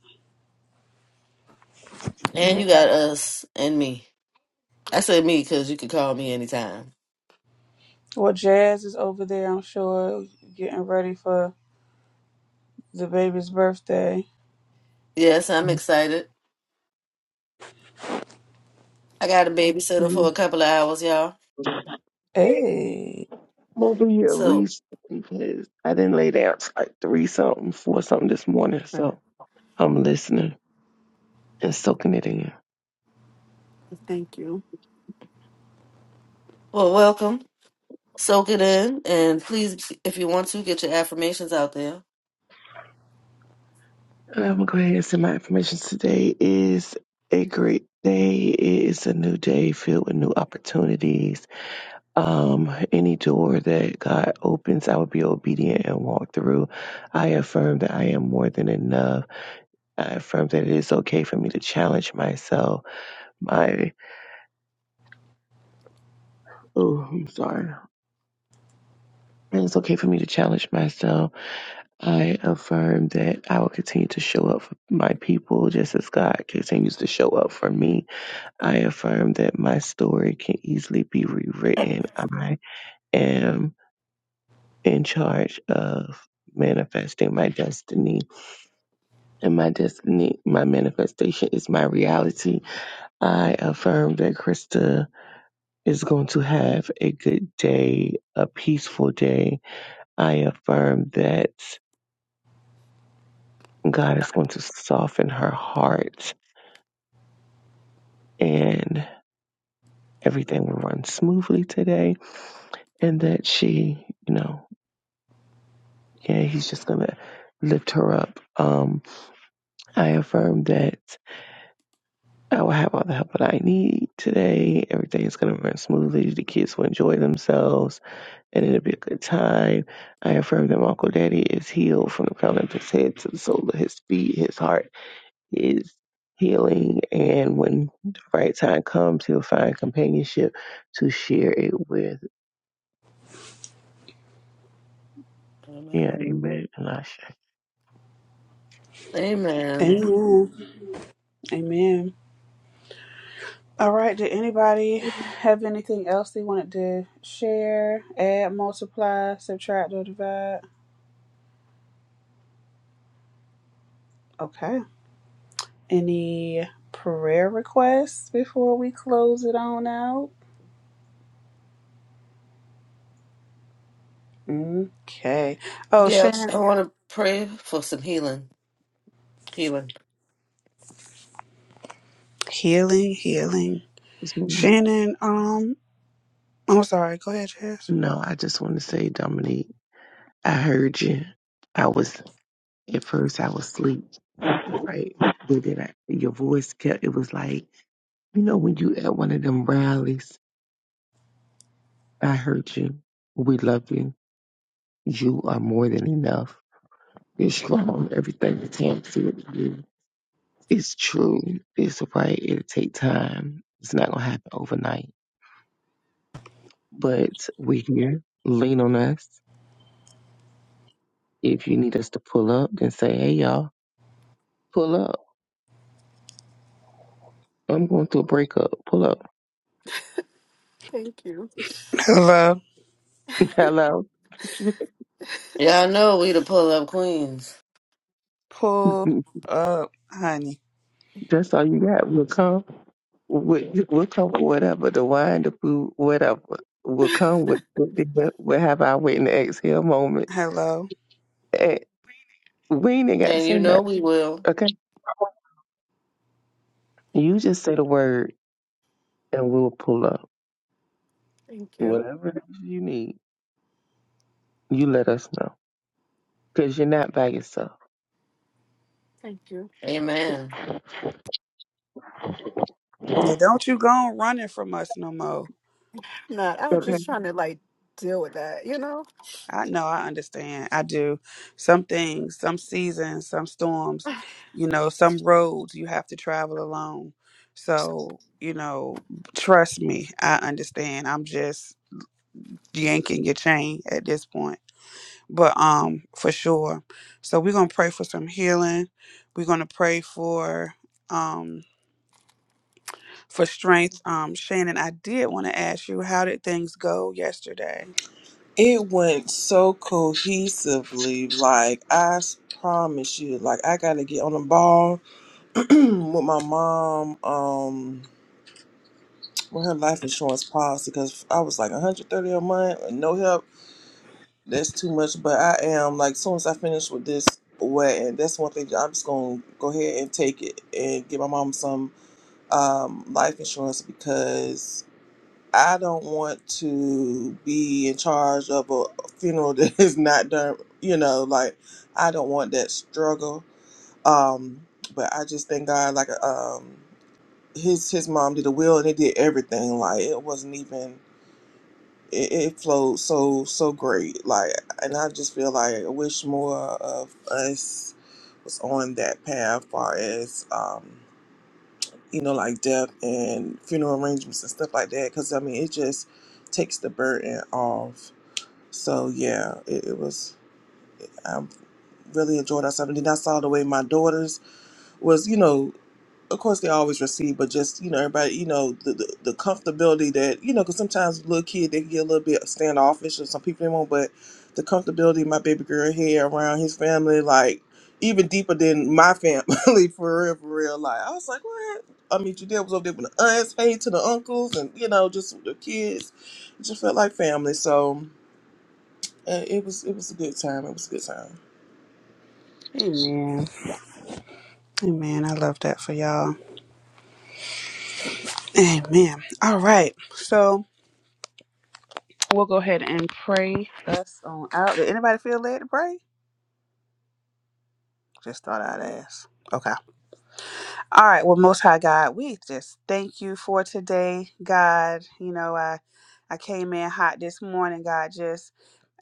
[SPEAKER 1] You
[SPEAKER 4] And
[SPEAKER 1] got
[SPEAKER 4] you got
[SPEAKER 1] it.
[SPEAKER 4] us and me. I said me because you could call me anytime.
[SPEAKER 1] Well, Jazz is over there, I'm sure, getting ready for the baby's birthday.
[SPEAKER 4] Yes, I'm excited. I got a babysitter for a
[SPEAKER 1] Mm.
[SPEAKER 4] couple of hours, y'all.
[SPEAKER 1] Hey.
[SPEAKER 8] I'm over here reading
[SPEAKER 4] So,
[SPEAKER 8] because I didn't lay down till like three something, four something this morning. So I'm listening and soaking it in.
[SPEAKER 5] Thank you.
[SPEAKER 4] well, welcome. Soak it in. And please, if you want to, get your affirmations out there.
[SPEAKER 8] And I'm gonna go ahead and send my information. Today is a great day. It is a new day filled with new opportunities. Um, any door that God opens, I will be obedient and walk through. I affirm that I am more than enough. I affirm that it is okay for me to challenge myself. My Oh, I'm sorry. And it's okay for me to challenge myself. I affirm that I will continue to show up for my people just as God continues to show up for me. I affirm that my story can easily be rewritten. I am in charge of manifesting my destiny and my destiny my manifestation is my reality i affirm that krista is going to have a good day a peaceful day I affirm that God is going to soften her heart and everything will run smoothly today. And that she, you know, yeah, he's just going to lift her up. Um, I affirm that I will have all the help that I need today. Everything is going to run smoothly. The kids will enjoy themselves and it'll be a good time. I affirm that my Uncle Daddy is healed from the crown of his head to the sole of his feet. His heart his healing and when the right time comes he'll find companionship to share it with yeah
[SPEAKER 4] Amen.
[SPEAKER 8] amen and i sh-
[SPEAKER 4] Amen.
[SPEAKER 1] Amen. Amen. All right. Did anybody have anything else they wanted to share, add, multiply, subtract, or divide? Okay. Any prayer requests before we close it on out? Okay. Oh,
[SPEAKER 4] Yeah,
[SPEAKER 1] Shannon.
[SPEAKER 4] I want to pray for some healing. Healing.
[SPEAKER 1] Healing, healing.
[SPEAKER 8] just wanna-
[SPEAKER 1] Shannon, um, I'm sorry. Go ahead, Jess.
[SPEAKER 8] no i just want to say dominique i heard you i was at first i was asleep right but then I, your voice kept it was like you know when you at one of them rallies i heard you we love you you are more than enough you're strong everything you can do It's true. It's right. It'll take time. It's not gonna happen overnight. But we here. Lean on us. If you need us to pull up, then say, Hey y'all, pull up. I'm going through a breakup. Pull up.
[SPEAKER 5] Thank you.
[SPEAKER 1] Hello.
[SPEAKER 8] Hello.
[SPEAKER 4] Yeah, I know we the pull up queens.
[SPEAKER 1] Pull up, honey.
[SPEAKER 8] That's all you got. We'll come. We'll, we'll come with whatever. The wine, the food, whatever. We'll come with with- we'll have our wait and exhale moments.
[SPEAKER 1] Hello.
[SPEAKER 8] And we ain't even got to
[SPEAKER 4] And you
[SPEAKER 8] say
[SPEAKER 4] know
[SPEAKER 8] that.
[SPEAKER 4] we will.
[SPEAKER 8] Okay. You just say the word and we'll pull up.
[SPEAKER 5] Thank you.
[SPEAKER 8] Whatever it is you need. You let us know because you're not by yourself.
[SPEAKER 5] Thank you.
[SPEAKER 4] Amen.
[SPEAKER 1] Now,
[SPEAKER 8] Okay.
[SPEAKER 1] don't you go on running from us no more.
[SPEAKER 5] Not I was just trying to like deal with that, you know?
[SPEAKER 1] I know, I understand. I do. Some things, some seasons, some storms, you know, some roads you have to travel alone. So, you know, trust me, I understand. I'm just yanking your chain at this point. But um for sure. So we're gonna pray for some healing. We're gonna pray for um for strength. Um Shannon, I did want to ask you, how did things go yesterday?
[SPEAKER 3] It went so cohesively. Like, I s- promise you, like, I got to get on the ball with my mom, um, with her life insurance policy, because I was like 130 a month, and no help. That's too much. But I am, like, soon as I finish with this wedding, that's one thing that I'm just going to go ahead and take it and get my mom some um, life insurance because I don't want to be in charge of a funeral that is not done. You know, like I don't want that struggle. Um, but I just thank God, like um, his his mom did a will and it did everything. Like it wasn't even it, it flowed so so great. Like, and I just feel like I wish more of us was on that path, far as um you know, like death and funeral arrangements and stuff like that. Because I mean, it just takes the burden off. So yeah, it, it was. I really enjoyed ourselves. And then I saw the way my daughters was, you know, of course they always receive, but just you know everybody, you know the the, the comfortability that you know because sometimes little kid they can get a little bit standoffish or some people they won't, but the comfortability my baby girl had around his family like even deeper than my family for real for real like I was like what I mean Judea was over there with the aunts, paid to the uncles, and you know just with the kids, it just felt like family. So uh, it was it was a good time. It was a good time.
[SPEAKER 1] Amen. Amen. I love that for y'all. Amen. All right. So we'll go ahead and pray us on out. Did anybody feel led to pray? Just thought I'd ask. Okay. All right. Well, Most High God, we just thank you for today, God. You know, I I came in hot this morning, God, just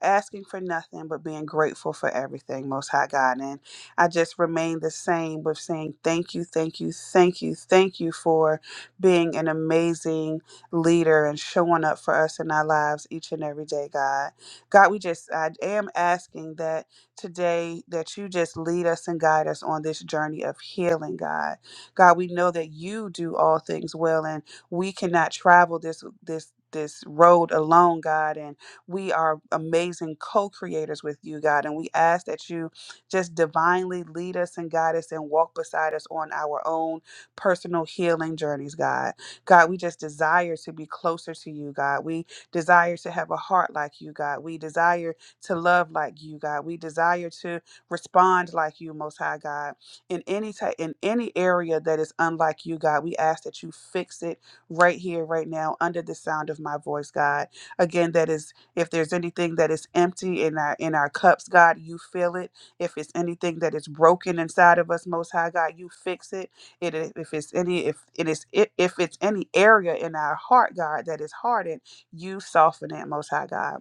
[SPEAKER 1] asking for nothing but being grateful for everything, Most High God. And I just remain the same with saying thank you, thank you, thank you, thank you for being an amazing leader and showing up for us in our lives each and every day, God. God, we just, I am asking that today that you just lead us and guide us on this journey of healing, God. God, we know that you do all things well and we cannot travel this this this road alone, God, and we are amazing co-creators with you, God, and we ask that you just divinely lead us and guide us and walk beside us on our own personal healing journeys, God. God, we just desire to be closer to you, God. We desire to have a heart like you, God. We desire to love like you, God. We desire to respond like you, Most High God in any type in any area that is unlike you, God. We ask that you fix it right here, right now, under the sound of my voice, God. Again, that is if there's anything that is empty in our in our cups, God, you fill it. If it's anything that is broken inside of us, Most High God, you fix it. It i- if it's any if it is i- if it's any area in our heart, God, that is hardened, you soften it, Most High God.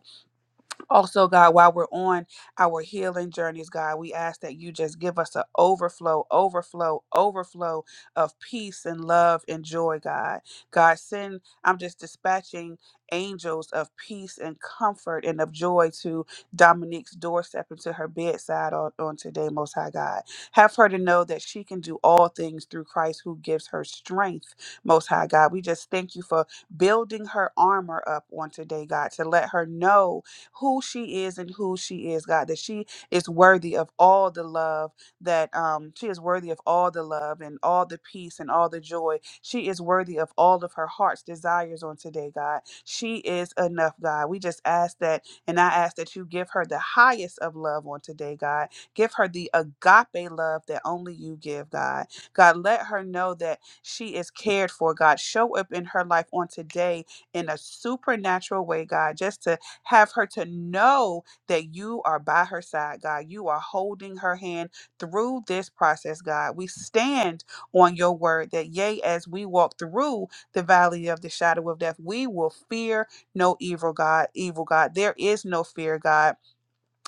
[SPEAKER 1] Also, God, while we're on our healing journeys, God, we ask that you just give us an overflow, overflow, overflow of peace and love and joy, God. God, send, I'm just dispatching angels of peace and comfort and of joy to Dominique's doorstep and to her bedside on, on today, Most High God. Have her to know that she can do all things through Christ who gives her strength, Most High God. We just thank you for building her armor up on today, God, to let her know who she is and who she is, God, that she is worthy of all the love that um, she is worthy of all the love and all the peace and all the joy. She is worthy of all of her heart's desires on today, God. She is enough, God. We just ask that, and I ask that you give her the highest of love on today, God. Give her the agape love that only you give, God. God, let her know that she is cared for, God. Show up in her life on today in a supernatural way, God, just to have her to know that you are by her side, God. You are holding her hand through this process, God. We stand on your word that, yea, as we walk through the valley of the shadow of death, we will fear no evil, God. Evil, God. There is no fear, God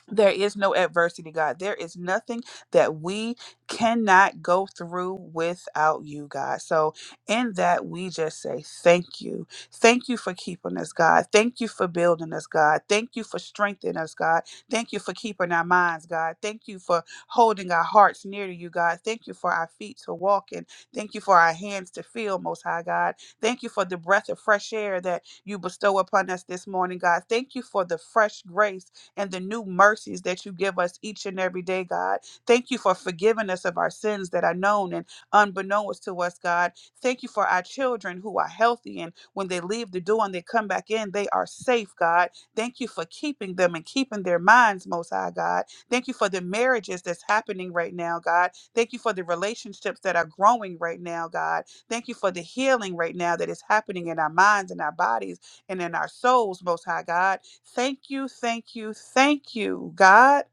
[SPEAKER 1] there is no adversity, God. There is nothing that we cannot go through without you, God. So, in that, we just say thank you. Thank you for keeping us, God. Thank you for building us, God. Thank you for strengthening us, God. Thank you for keeping our minds, God. Thank you for holding our hearts near to you, God. Thank you for our feet to walk in. Thank you for our hands to feel, Most High God. Thank you for the breath of fresh air that you bestow upon us this morning, God. Thank you for the fresh grace and the new mercies that you give us each and every day, God. Thank you for forgiving us of our sins that are known and unbeknownst to us, God. Thank you for our children who are healthy and when they leave the door and they come back in, they are safe, God. Thank you for keeping them and keeping their minds, Most High God. Thank you for the marriages that's happening right now, God. Thank you for the relationships that are growing right now, God. Thank you for the healing right now that is happening in our minds and our bodies and in our souls, Most High God. Thank you, thank you, thank you, God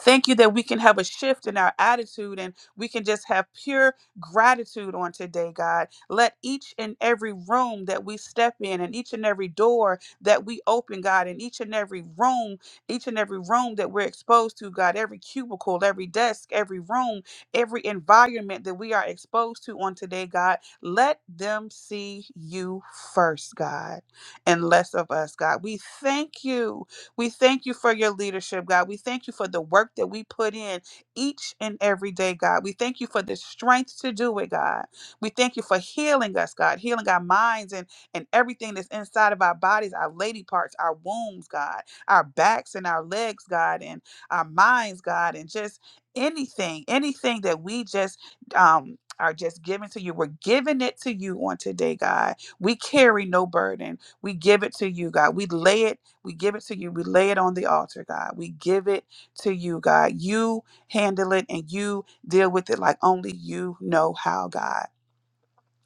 [SPEAKER 1] Thank you that we can have a shift in our attitude and we can just have pure gratitude on today, God. Let each and every room that we step in and each and every door that we open, God, and each and every room, each and every room that we're exposed to, God, every cubicle, every desk, every room, every environment that we are exposed to on today, God, let them see you first, God, and less of us, God. We thank you we thank you for your leadership, God. We thank you for the work that we put in each and every day, God. We thank you for the strength to do it, God. We thank you for healing us, God, healing our minds and, and everything that's inside of our bodies, our lady parts, our wombs, God, our backs and our legs, God, and our minds, God, and just anything, anything that we just um are just giving to you. We're giving it to you on today, God. We carry no burden. We give it to you, God. We lay it we give it to you. We lay it on the altar, God. We give it to you, God. You handle it and you deal with it like only you know how, God.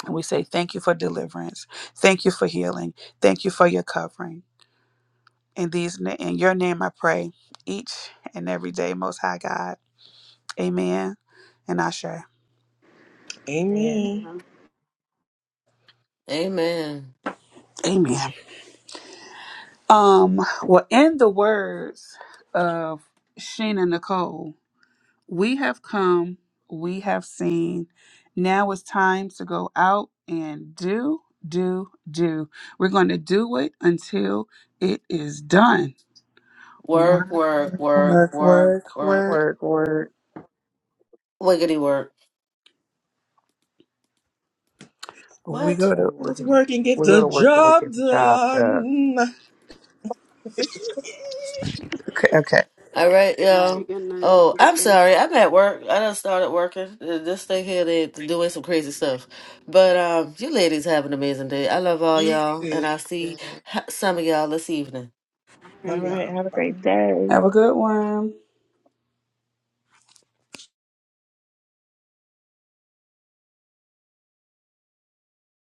[SPEAKER 1] And we say thank you for deliverance. Thank you for healing. Thank you for your covering. In these na- in your name I pray each and every day, most high God. Amen. And I share.
[SPEAKER 8] Man,
[SPEAKER 3] Amen.
[SPEAKER 4] Amen.
[SPEAKER 1] Amen. Um, well, in the words of Sheena Nicole, We have come, we have seen. Now it's time to go out and do, do, do. We're going to do it until it is done.
[SPEAKER 4] Work,
[SPEAKER 1] Work,
[SPEAKER 4] work,
[SPEAKER 1] work,
[SPEAKER 4] work,
[SPEAKER 1] work, work,
[SPEAKER 4] work,
[SPEAKER 1] work.
[SPEAKER 4] work.
[SPEAKER 8] work, work.
[SPEAKER 4] Wiggity work.
[SPEAKER 1] We
[SPEAKER 4] What?
[SPEAKER 1] go to.
[SPEAKER 8] work.
[SPEAKER 3] Let's work and get
[SPEAKER 8] We go
[SPEAKER 3] the
[SPEAKER 8] to work and we
[SPEAKER 3] job
[SPEAKER 8] get the job done.
[SPEAKER 3] done.
[SPEAKER 1] Okay, okay.
[SPEAKER 4] All right,
[SPEAKER 5] All
[SPEAKER 4] y'all.
[SPEAKER 5] right, good
[SPEAKER 4] Oh, I'm
[SPEAKER 5] night.
[SPEAKER 4] sorry. I'm at work. I done started working. Uh, This thing here, they doing some crazy stuff. But um, you ladies have an amazing day. I love all
[SPEAKER 3] You
[SPEAKER 4] y'all, and
[SPEAKER 3] too.
[SPEAKER 4] I'll see
[SPEAKER 3] Yeah.
[SPEAKER 4] h- some of y'all this evening.
[SPEAKER 5] All
[SPEAKER 8] All
[SPEAKER 3] Love
[SPEAKER 5] righty.
[SPEAKER 8] right.
[SPEAKER 3] y'all.
[SPEAKER 8] Have a great
[SPEAKER 3] Bye.
[SPEAKER 8] day.
[SPEAKER 1] Have a good one.